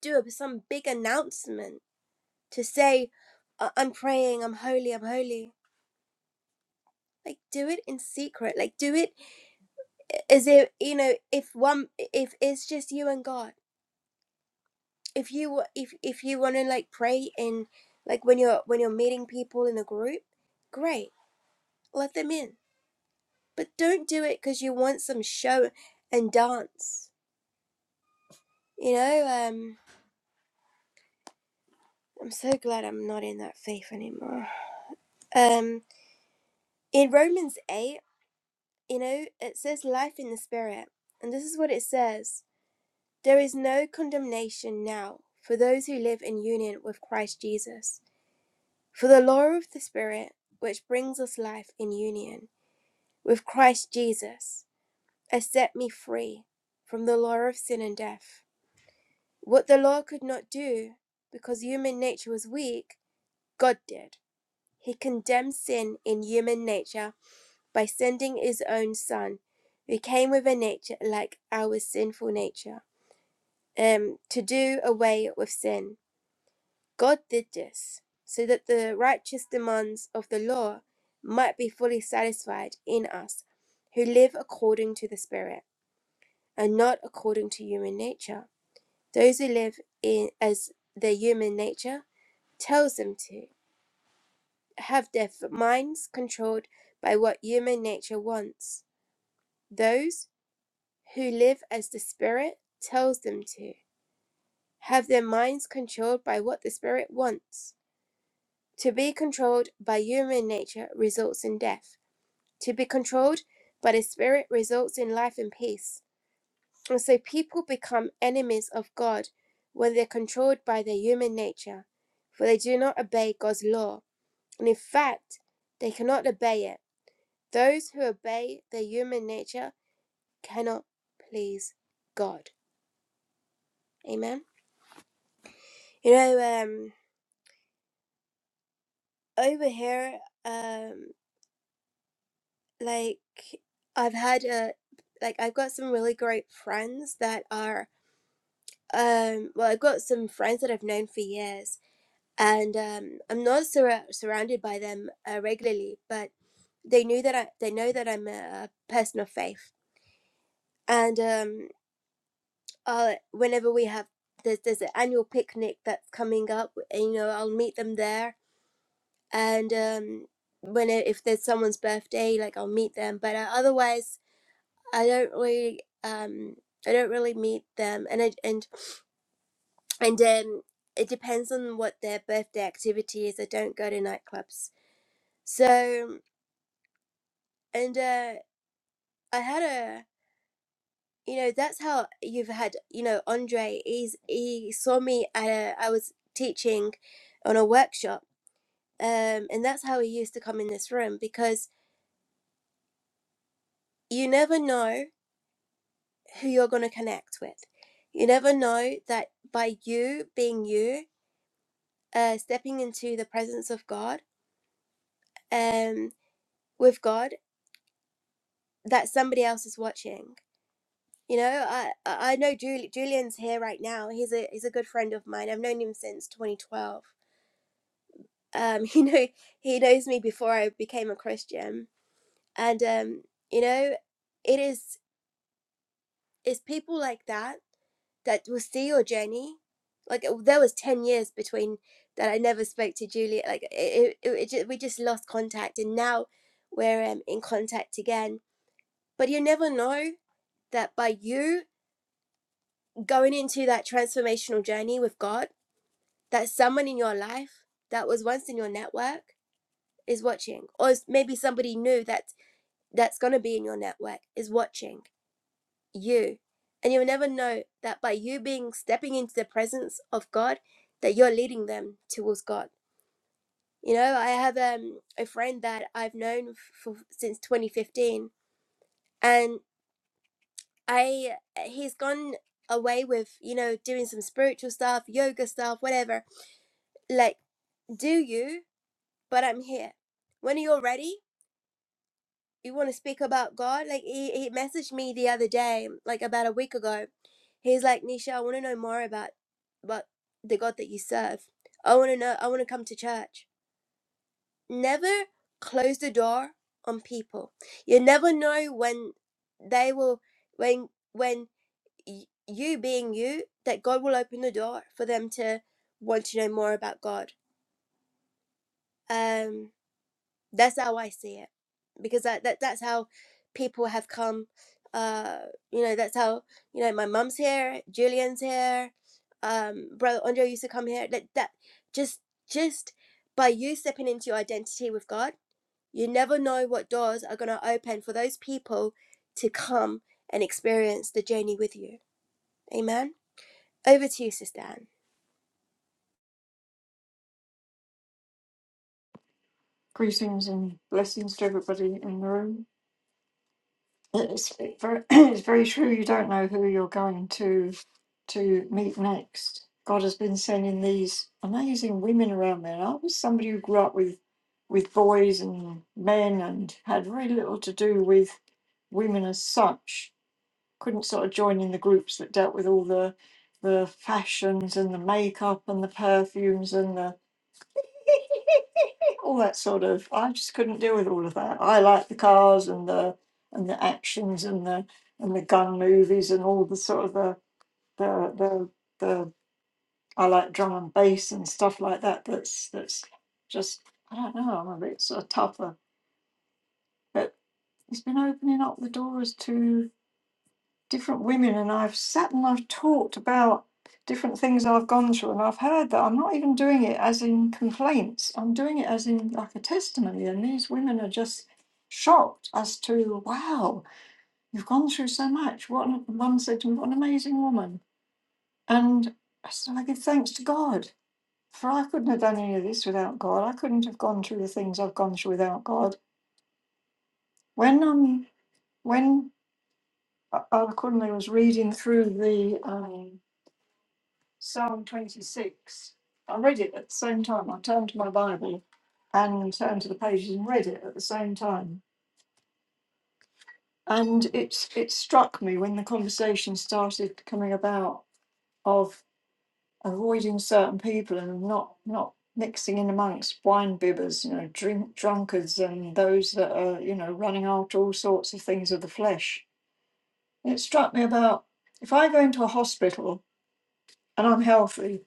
do a, some big announcement to say, "I- am praying, I'm holy, I'm holy. Like, do it in secret. Like, do it as if, you know, if one, if it's just you and God. If you, if, if you want to like pray in, like when you're, when you're meeting people in a group, great, let them in. But don't do it because you want some show and dance. You know, um, I'm so glad I'm not in that faith anymore. Um, in Romans 8, You know, it says life in the Spirit, and this is what it says There is no condemnation now for those who live in union with Christ Jesus. For the law of the Spirit, which brings us life in union with Christ Jesus, has set me free from the law of sin and death. What the law could not do, because human nature was weak, God did. He condemned sin in human nature by sending his own son, who came with a nature like our sinful nature, um, to do away with sin. God did this so that the righteous demands of the law might be fully satisfied in us who live according to the Spirit and not according to human nature. Those who live in as their human nature tells them to have their f- minds controlled by what human nature wants. Those who live as the Spirit tells them to, have their minds controlled by what the Spirit wants. To be controlled by human nature results in death. To be controlled by the Spirit results in life and peace. And so people become enemies of God when they're controlled by their human nature, for they do not obey God's law. And in fact, they cannot obey it. Those who obey their human nature cannot please God. Amen. You know, um, over here, um, like I've had a like I've got some really great friends that are um well I've got some friends that I've known for years and um I'm not sur- surrounded by them uh, regularly but they knew that I they know that I'm a person of faith and um I'll, whenever we have there's there's an annual picnic that's coming up and, you know I'll meet them there and um when it, if there's someone's birthday like I'll meet them but uh, otherwise I don't really um I don't really meet them and I, and and um it depends on what their birthday activity is. I don't go to nightclubs. So and uh I had a you know that's how you've had you know Andre he's he saw me at a I was teaching on a workshop um and that's how he used to come in this room because you never know who you're going to connect with. You never know that by you being you uh, stepping into the presence of God, um, with God, that somebody else is watching. You know, I I I know Jul- Julian's here right now. He's a he's a good friend of mine. I've known him since 2012. Um, you know, he knows me before I became a Christian, and um, you know, it is it's people like that that will see your journey. Like uh, there was 10 years between that I never spoke to Julia. Like it, it, it, it ju- we just lost contact, and now we're um, in contact again But you never know that by you going into that transformational journey with God, that someone in your life that was once in your network is watching, or maybe somebody new that that's going to be in your network is watching you. And you'll never know that by you being stepping into the presence of God, that you're leading them towards God. You know, I have um, a friend that I've known for, since 2015, and. I eh, he's gone away with you know doing some spiritual stuff, yoga stuff, whatever. Like, do you? But I'm here. When you're ready, you want to speak about God. Like he he messaged me the other day, like about a week ago. He's like, Nisha, I want to know more about about the God that you serve. I want to know. I want to come to church. Never close the door on people. You never know when they will when when you being you that god will open the door for them to want to know more about god um that's how i see it because that, that that's how people have come uh you know that's how you know my mum's here julian's here um brother andre used to come here that that just just by you stepping into your identity with god you never know what doors are going to open for those people to come and experience the journey with you amen over to you sister Anne. Greetings and blessings to everybody in the room. It's very, it's very true. You don't know who you're going to to meet next. God has been sending these amazing women around me. And I was somebody who grew up with with boys and men and had very little to do with women as such. Couldn't sort of join in the groups that dealt with all the the fashions and the makeup and the perfumes and the all that sort of. I just couldn't deal with all of that. I like the cars and the and the actions and the and the gun movies and all the sort of the the the, the I like drum and bass and stuff like that. That's that's just I don't know. I'm a bit sort of tougher, but it's been opening up the doors to different women and I've sat and I've talked about different things I've gone through and I've heard that I'm not even doing it as in complaints. I'm doing it as in like a testimony and these women are just shocked as to wow, you've gone through so much. What an, one said to me, what an amazing woman. And I said I give thanks to God. For I couldn't have done any of this without God. I couldn't have gone through the things I've gone through without God. When um when uh, Al Kunle was reading through the um, Psalm 26. I read it at the same time. I turned to my Bible and turned to the pages and read it at the same time. And it's it struck me when the conversation started coming about of avoiding certain people and not not mixing in amongst wine bibbers, you know, drink drunkards and those that are, you know, running after all sorts of things of the flesh. And it struck me about if I go into a hospital and I'm healthy,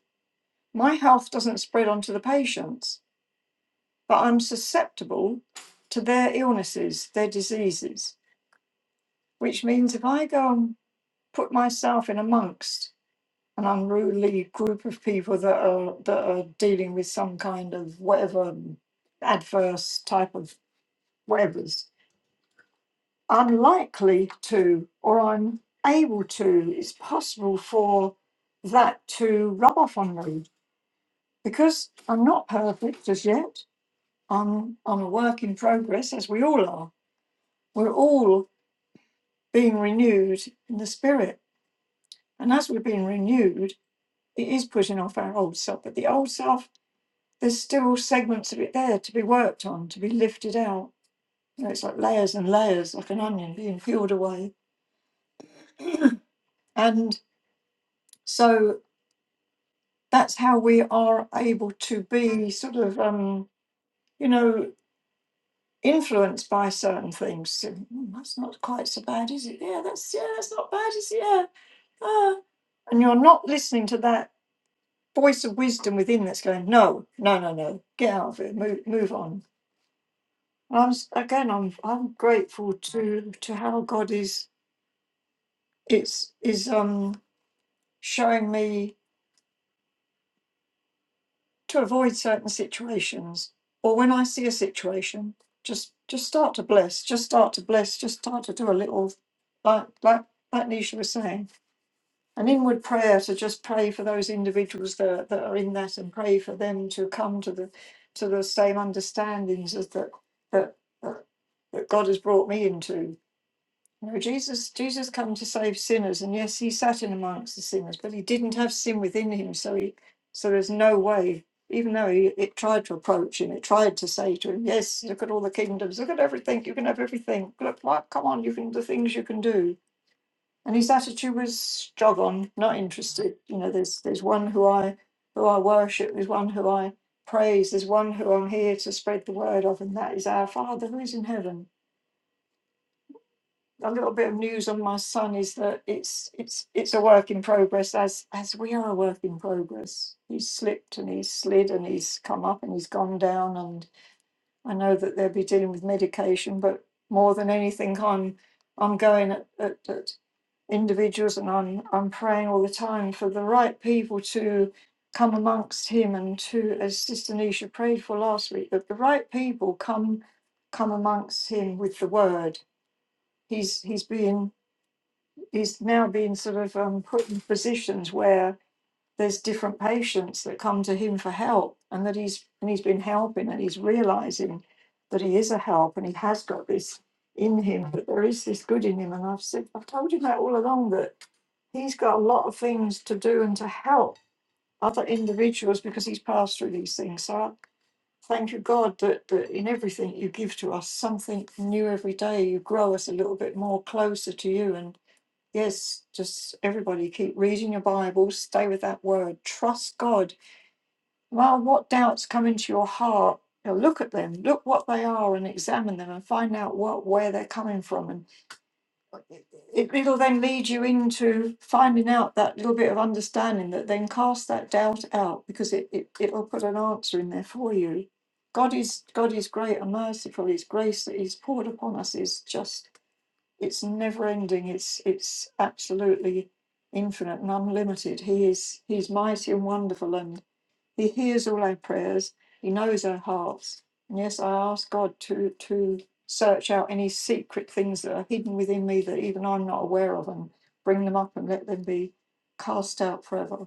my health doesn't spread onto the patients but I'm susceptible to their illnesses, their diseases, which means if I go and put myself in amongst an unruly group of people that are that are dealing with some kind of whatever adverse type of whatever's, I'm likely to, or I'm able to, it's possible for that to rub off on me because I'm not perfect as yet. I'm I'm a work in progress, as we all are. We're all being renewed in the spirit. And as we're being renewed, it is putting off our old self. But the old self, there's still segments of it there to be worked on, to be lifted out. You know, it's like layers and layers, like an onion being peeled away. And so that's how we are able to be sort of, um, you know, influenced by certain things. So, "Hmm, that's not quite so bad, is it? Yeah, that's yeah, that's not bad, is it? Yeah. Ah. And you're not listening to that voice of wisdom within that's going, no, no, no, no, get out of it, move, move on. And I'm s- again, I'm I'm grateful to to how God is it's is um showing me to avoid certain situations, or when I see a situation, just just start to bless, just start to bless, just start to do a little like like like Nisha was saying. And inward prayer to just pray for those individuals that, that are in that and pray for them to come to the to the same understandings as that that that that God has brought me into. You know, Jesus Jesus come to save sinners, and yes, he sat in amongst the sinners, but he didn't have sin within him, so he so there's no way. Even though he, it tried to approach him, it tried to say to him, "Yes, look at all the kingdoms, look at everything. You can have everything. Look, what? Come on, you can the things you can do." and his attitude was jog on, not interested. You know, there's there's one who I who I worship, there's one who I praise, there's one who I'm here to spread the word of, and that is our Father who is in heaven. A little bit of news on my son is that it's it's it's a work in progress as as we are a work in progress. He's slipped and he's slid and he's come up and he's gone down and I know that they'll be dealing with medication, but more than anything I'm I'm going at, at, at individuals, and I'm I'm praying all the time for the right people to come amongst him and to, as Sister Nisha prayed for last week, that the right people come come amongst him with the word. He's he's being he's now being sort of um, put in positions where there's different patients that come to him for help and that he's and he's been helping and he's realizing that he is a help and he has got this in him that there is this good in him and i've said i've told him that all along that he's got a lot of things to do and to help other individuals because he's passed through these things so I thank you god that, that in everything you give to us something new every day you grow us a little bit more closer to you and. Yes, just everybody keep reading your Bible, stay with that word, trust God. Well, what doubts come into your heart, you know, look at them, look what they are, and examine them and find out what where they're coming from. And it, it'll then lead you into finding out that little bit of understanding that then cast that doubt out because it, it, it'll put an answer in there for you. God is God is great and merciful. His grace that He's poured upon us is just it's never ending. It's it's absolutely infinite and unlimited. He is he's mighty and wonderful, and he hears all our prayers. He knows our hearts. And yes, I ask God to to search out any secret things that are hidden within me that even I'm not aware of, and bring them up and let them be cast out forever.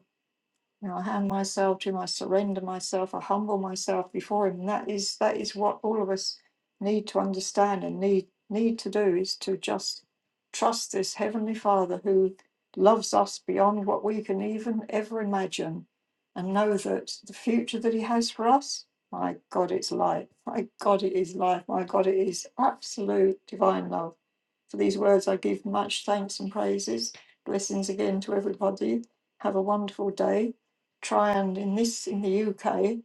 You know, I hand myself to him, I surrender myself, I humble myself before him. And that is that is what all of us need to understand and need need to do is to just trust this Heavenly Father who loves us beyond what we can even ever imagine and know that the future that he has for us, my God, it's life. My God, it is life. My God, it is absolute divine love. For these words I give much thanks and praises. Blessings again to everybody. Have a wonderful day try and in this in the UK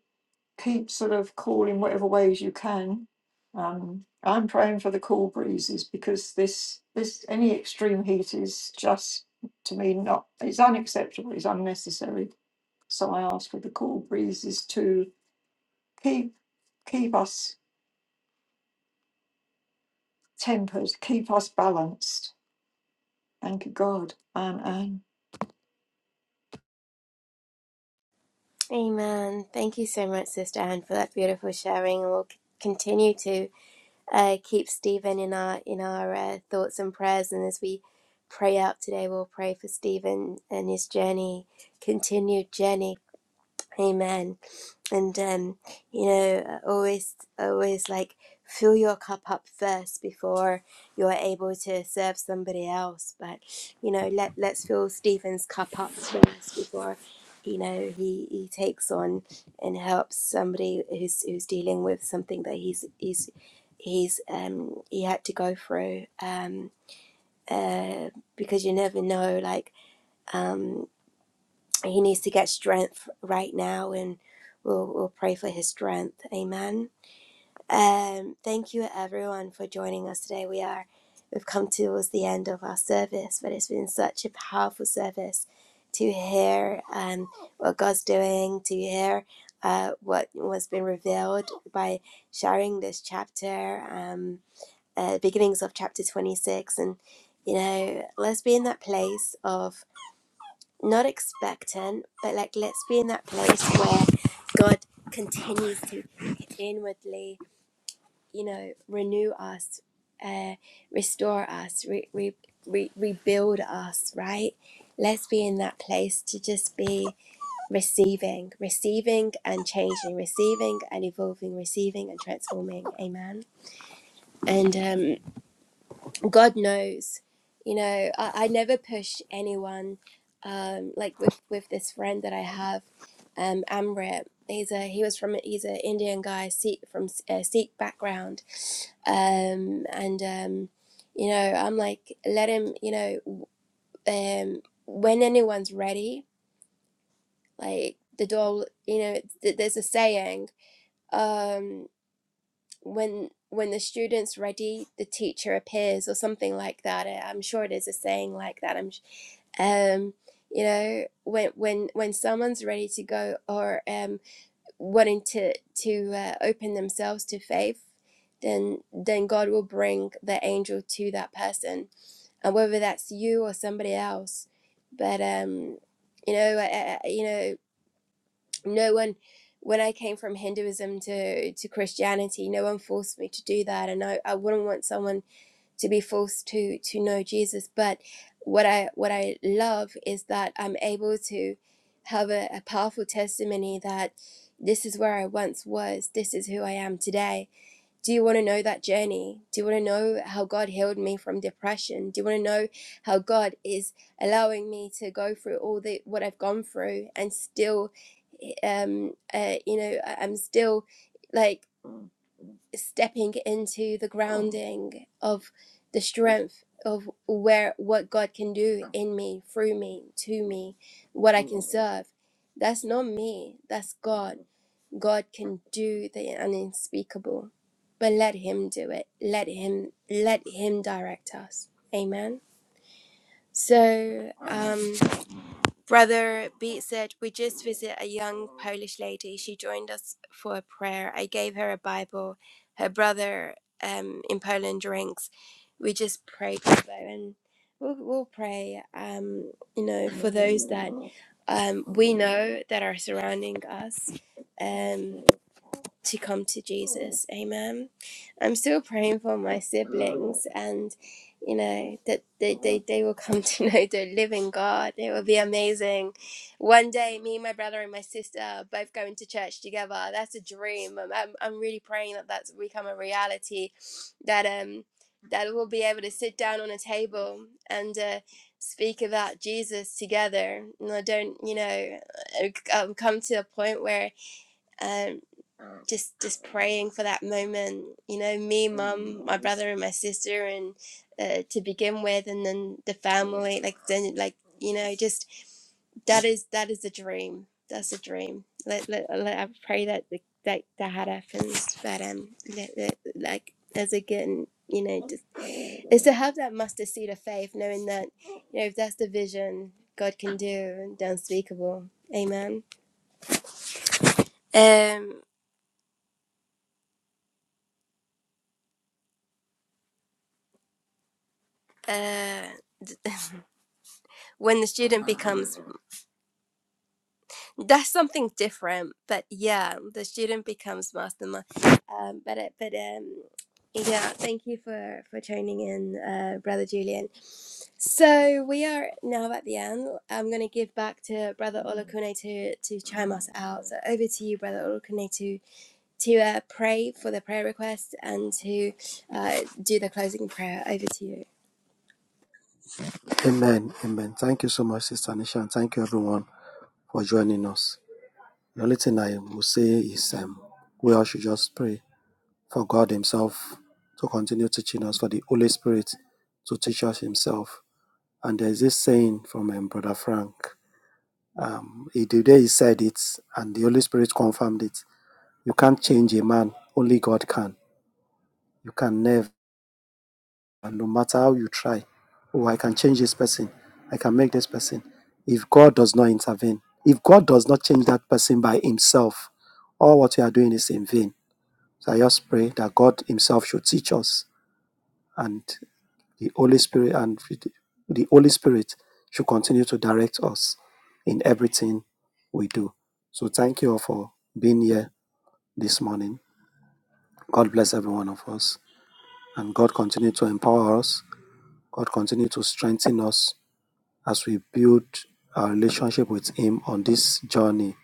keep sort of cool in whatever ways you can. Um, I'm praying for the cool breezes because this this any extreme heat is just to me not it's unacceptable, it's unnecessary. So I ask for the cool breezes to keep keep us tempered, keep us balanced. Thank you, God. Amen. Amen. Thank you so much, Sister Anne, for that beautiful sharing, and we'll c- continue to uh, keep Stephen in our in our uh, thoughts and prayers. And as we pray out today, we'll pray for Stephen and his journey, continued journey Amen. And um, you know, always, always like fill your cup up first before you're able to serve somebody else. But you know, let let's fill Stephen's cup up first before you know he, he takes on and helps somebody who's who's dealing with something that he's he's he's um he had to go through um uh because you never know like um. He needs to get strength right now, and we'll, we'll pray for his strength. Amen. Um, thank you, everyone, for joining us today. We are we've come towards the end of our service, but it's been such a powerful service to hear um, what God's doing, to hear uh, what was been revealed by sharing this chapter, um, uh, beginnings of chapter twenty six, and you know, let's be in that place of not expectant, but like let's be in that place where God continues to inwardly, you know, renew us, uh, restore us, re- re- re- rebuild us, right? Let's be in that place to just be receiving, receiving and changing, receiving and evolving, receiving and transforming. Amen. And um, God knows, you know, I, I never push anyone. Um, like with with this friend that I have, um, Amrit. He's a he was from he's an Indian guy, Sikh from uh, Sikh background, um, and um, you know, I'm like let him, you know, um, when anyone's ready, like the door, you know, th- there's a saying, um, when when the student's ready, the teacher appears, or something like that. I- I'm sure it is a saying like that. I'm um you know when when when someone's ready to go or um wanting to to uh, open themselves to faith then then god will bring the angel to that person and whether that's you or somebody else but um you know I, I, you know no one when i came from hinduism to to christianity no one forced me to do that and i, I wouldn't want someone to be forced to to know Jesus. But what I what I love is that I'm able to have a, a powerful testimony that this is where I once was. This is who I am today. Do you want to know that journey? Do you want to know how God healed me from depression? Do you want to know how God is allowing me to go through all the what I've gone through and still, eh, um, uh, you know, I- I'm still like stepping into the grounding of the strength of where what God can do in me, through me, to me, what I can serve. That's not me, that's God. God can do the unspeakable. But let him do it. Let him let him direct us. Amen. So um Brother Beat said, We just visit a young Polish lady. She joined us for a prayer. I gave her a Bible. Her brother um, in Poland drinks. We just pray, brother, and we'll, we'll pray, um, you know, for those that um, we know that are surrounding us. um." to come to Jesus. Amen. I'm still praying for my siblings and you know that they, they, they will come to know the living God. It will be amazing. One day me, my brother and my sister are both going to church together. That's a dream. I'm, I'm, I'm really praying that that's become a reality that um that we'll be able to sit down on a table and uh, speak about Jesus together. And I don't, you know, I've come to a point where um, just just praying for that moment you know me mum my brother and my sister and uh, to begin with and then the family like then like you know just that is that is a dream that's a dream let, let, let i pray that the, that that had happens but um let, let, like as again you know just is to have that mustard seed of faith knowing that you know if that's the vision god can do and the unspeakable amen um uh when the student becomes that's something different but yeah the student becomes mastermind um but it but um yeah thank you for for tuning in uh brother julian so we are now at the end i'm going to give back to brother olakune to to chime us out so over to you brother olakune to to uh, pray for the prayer request and to uh, do the closing prayer over to you Amen. Amen. Thank you so much, Sister Nisha, and thank you everyone for joining us. The only thing I will say is um, we all should just pray for God Himself to continue teaching us, for the Holy Spirit to teach us Himself. And there's this saying from um, Brother Frank Um, Idude said it, and the Holy Spirit confirmed it. You can't change a man; only God can. You can never, no matter how you try. Oh, I can change this person. I can make this person. If God does not intervene, if God does not change that person by Himself, all what we are doing is in vain. So I just pray that God Himself should teach us, and the Holy Spirit and the Holy Spirit should continue to direct us in everything we do. So thank you all for being here this morning. God bless every one of us and God continue to empower us. God continue to strengthen us as we build our relationship with him on this journey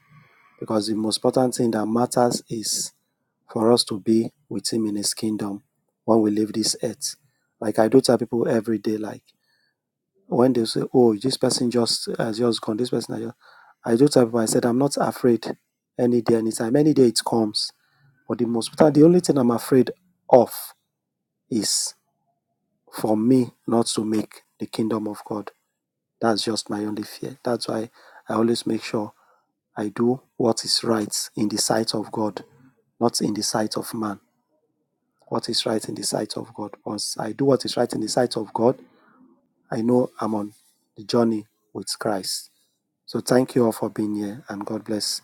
because the most important thing that matters is for us to be with him in his kingdom when we leave this earth. Like I do tell people every day like When they say, "Oh, this person just has just gone, this person has just," I just have I said, "I'm not afraid any day, anytime, any day it comes." But the most the only thing I'm afraid of is for me not to make the kingdom of God. That's just my only fear. That's why I always make sure I do what is right in the sight of God, not in the sight of man. What is right in the sight of God. Once I do what is right in the sight of God, I know I'm on the journey with Christ. So thank you all for being here and God bless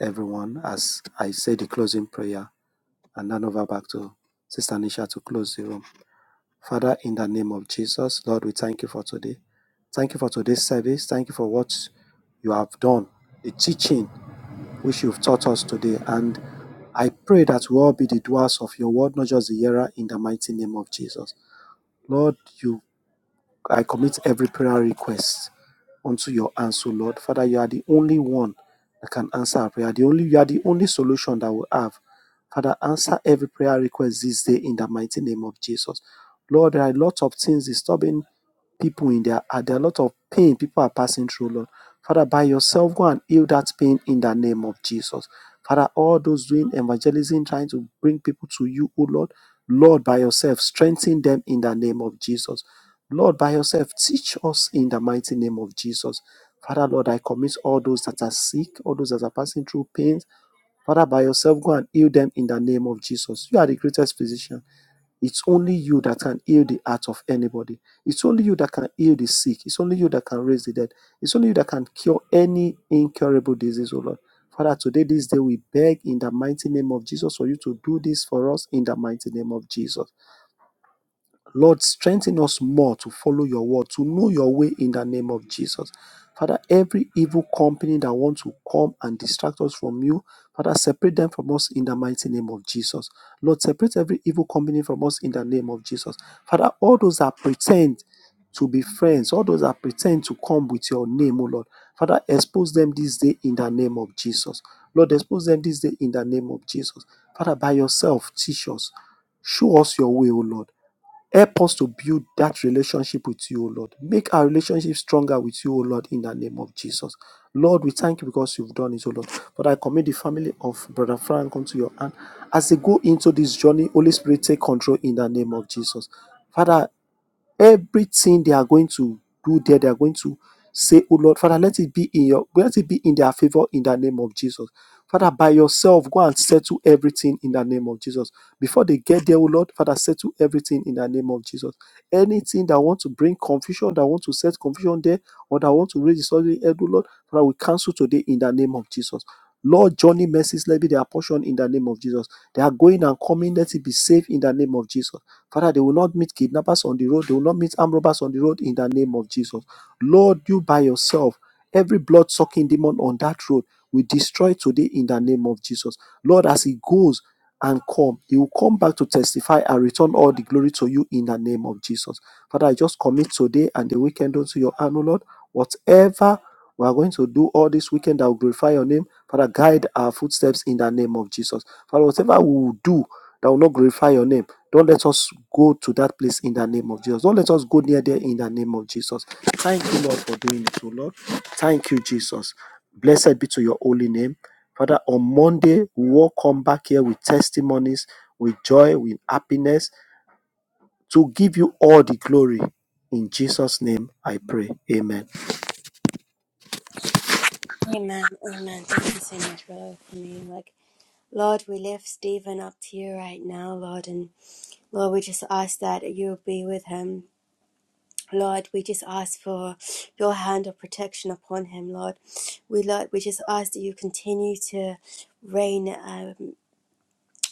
everyone as I say the closing prayer and hand over back to Sister Nisha to close the room. Father, in the name of Jesus, Lord, we thank you for today. Thank you for today's service. Thank you for what you have done, the teaching which you've taught us today. And I pray that we all be the doers of your word, not just the hearer, in the mighty name of Jesus. Lord, you I commit every prayer request unto your hands, O Lord. Father, you are the only one that can answer our prayer. The only you are the only solution that we have. Father, answer every prayer request this day in the mighty name of Jesus. Lord, there are a lot of things disturbing people in their heart. There are a lot of pain people are passing through, Lord. Father, by yourself, go and heal that pain in the name of Jesus. Father, all those doing evangelism, trying to bring people to you, O Lord, Lord, by yourself, strengthen them in the name of Jesus. Lord, by yourself, teach us in the mighty name of Jesus. Father, Lord, I commit all those that are sick, all those that are passing through pains. Father, by yourself, go and heal them in the name of Jesus. You are the greatest physician. It's only you that can heal the heart of anybody. It's only you that can heal the sick. It's only you that can raise the dead. It's only you that can cure any incurable disease, oh Lord. Father, today, this day, we beg in the mighty name of Jesus for you to do this for us in the mighty name of Jesus. Lord, strengthen us more to follow your word, to know your way in the name of Jesus. Father, every evil company that wants to come and distract us from you, Father, separate them from us in the mighty name of Jesus. Lord, separate every evil company from us in the name of Jesus. Father, all those that pretend to be friends, all those that pretend to come with your name, O Lord, Father, expose them this day in the name of Jesus. Lord, expose them this day in the name of Jesus. Father, by yourself, teach us. Show us your way, O Lord. Help us to build that relationship with you, O Lord. Make our relationship stronger with you, O Lord, in the name of Jesus. Lord, we thank you because you've done it, O Lord. But I commit the family of Brother Frank unto your hand. As they go into this journey, Holy Spirit, take control in the name of Jesus. Father, Everything they are going to do there, they are going to say, Oh Lord, Father, let it be in your let it be in their favor in the name of Jesus. Father, by yourself, go and settle everything in the name of Jesus. Before they get there, oh Lord, Father, settle everything in the name of Jesus. Anything that want to bring confusion, that want to set confusion there, or that want to raise disorderly head, oh Lord, Father, we cancel today in the name of Jesus. Lord, journey mercies, let be their portion in the name of Jesus. They are going and coming, let it be safe in the name of Jesus. Father, they will not meet kidnappers on the road. They will not meet armed robbers on the road in the name of Jesus. Lord, you by yourself, every blood sucking demon on that road, we destroy today in the name of Jesus. Lord, as he goes and come, he will come back to testify and return all the glory to you in the name of Jesus. Father, I just commit today and the weekend unto your hand, O Lord. Whatever we are going to do all this weekend that will glorify your name, Father, guide our footsteps in the name of Jesus. Father, whatever we will do that will not glorify your name. Don't let us go to that place in the name of Jesus. Don't let us go near there in the name of Jesus. Thank you, Lord, for doing it, O Lord. Thank you, Jesus. Blessed be to your holy name. Father, on Monday, we will come back here with testimonies, with joy, with happiness to give you all the glory. In Jesus' name, I pray. Amen. amen amen thank you so much brother olakune Like Lord, we lift Stephen up to you right now, Lord, and Lord, we just ask that you'll be with him. Lord, we just ask for your hand of protection upon him, Lord. We Lord, we just ask that you continue to rain um,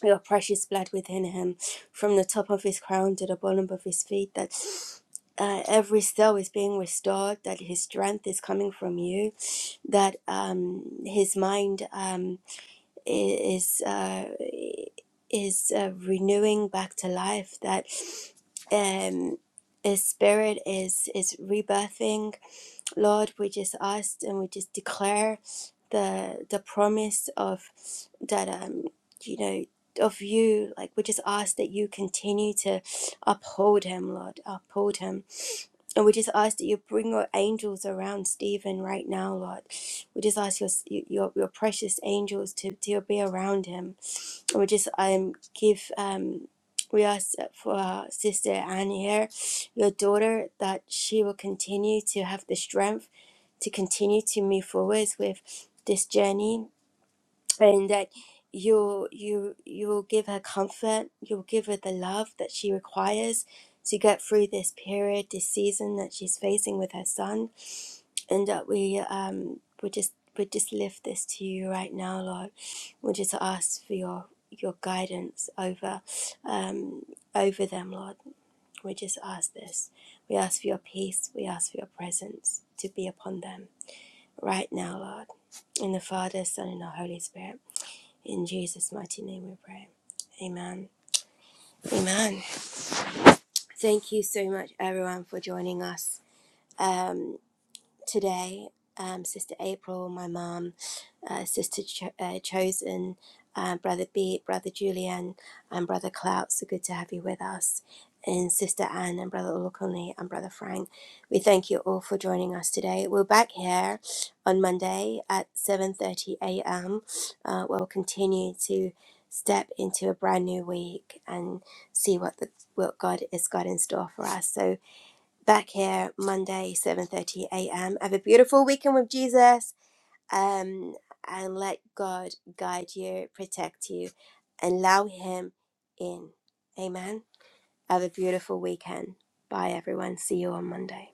your precious blood within him, from the top of his crown to the bottom of his feet. That uh, every cell is being restored. That his strength is coming from you. That um, his mind um, i- is. Uh, is uh, renewing back to life that um his spirit is is rebirthing lord we just ask and we just declare the the promise of that um you know of you like we just ask that you continue to uphold him lord uphold him and we just ask that you bring your angels around Stephen right now, Lord. We just ask your your, your precious angels to, to be around him. And we just um give um we ask for our sister Anne here, your daughter, that she will continue to have the strength to continue to move forwards with this journey and that you you you will give her comfort you will give her the love that she requires to get through this period this season that she's facing with her son and that we um we just we just lift this to you right now lord we just ask for your your guidance over um over them lord we just ask this we ask for your peace we ask for your presence to be upon them right now lord in the father son and the holy spirit in Jesus' mighty name we pray. Amen. Amen. Thank you so much, everyone, for joining us. Um, today, um, Sister April, my mom, uh, Sister Cho- uh, Chosen, uh, Brother Beat, Brother Julian, and Brother Clout. So good to have you with us. And Sister Anne and Brother Olukunle and Brother Frank. We thank you all for joining us today. We're back here on Monday at 7.30 a.m. Uh, where we'll continue to step into a brand new week and see what, the, what God has got in store for us. So back here Monday, 7:30 a.m. Have a beautiful weekend with Jesus. Um, and let God guide you, protect you, and allow him in. Amen. Have a beautiful weekend. Bye everyone. See you on Monday.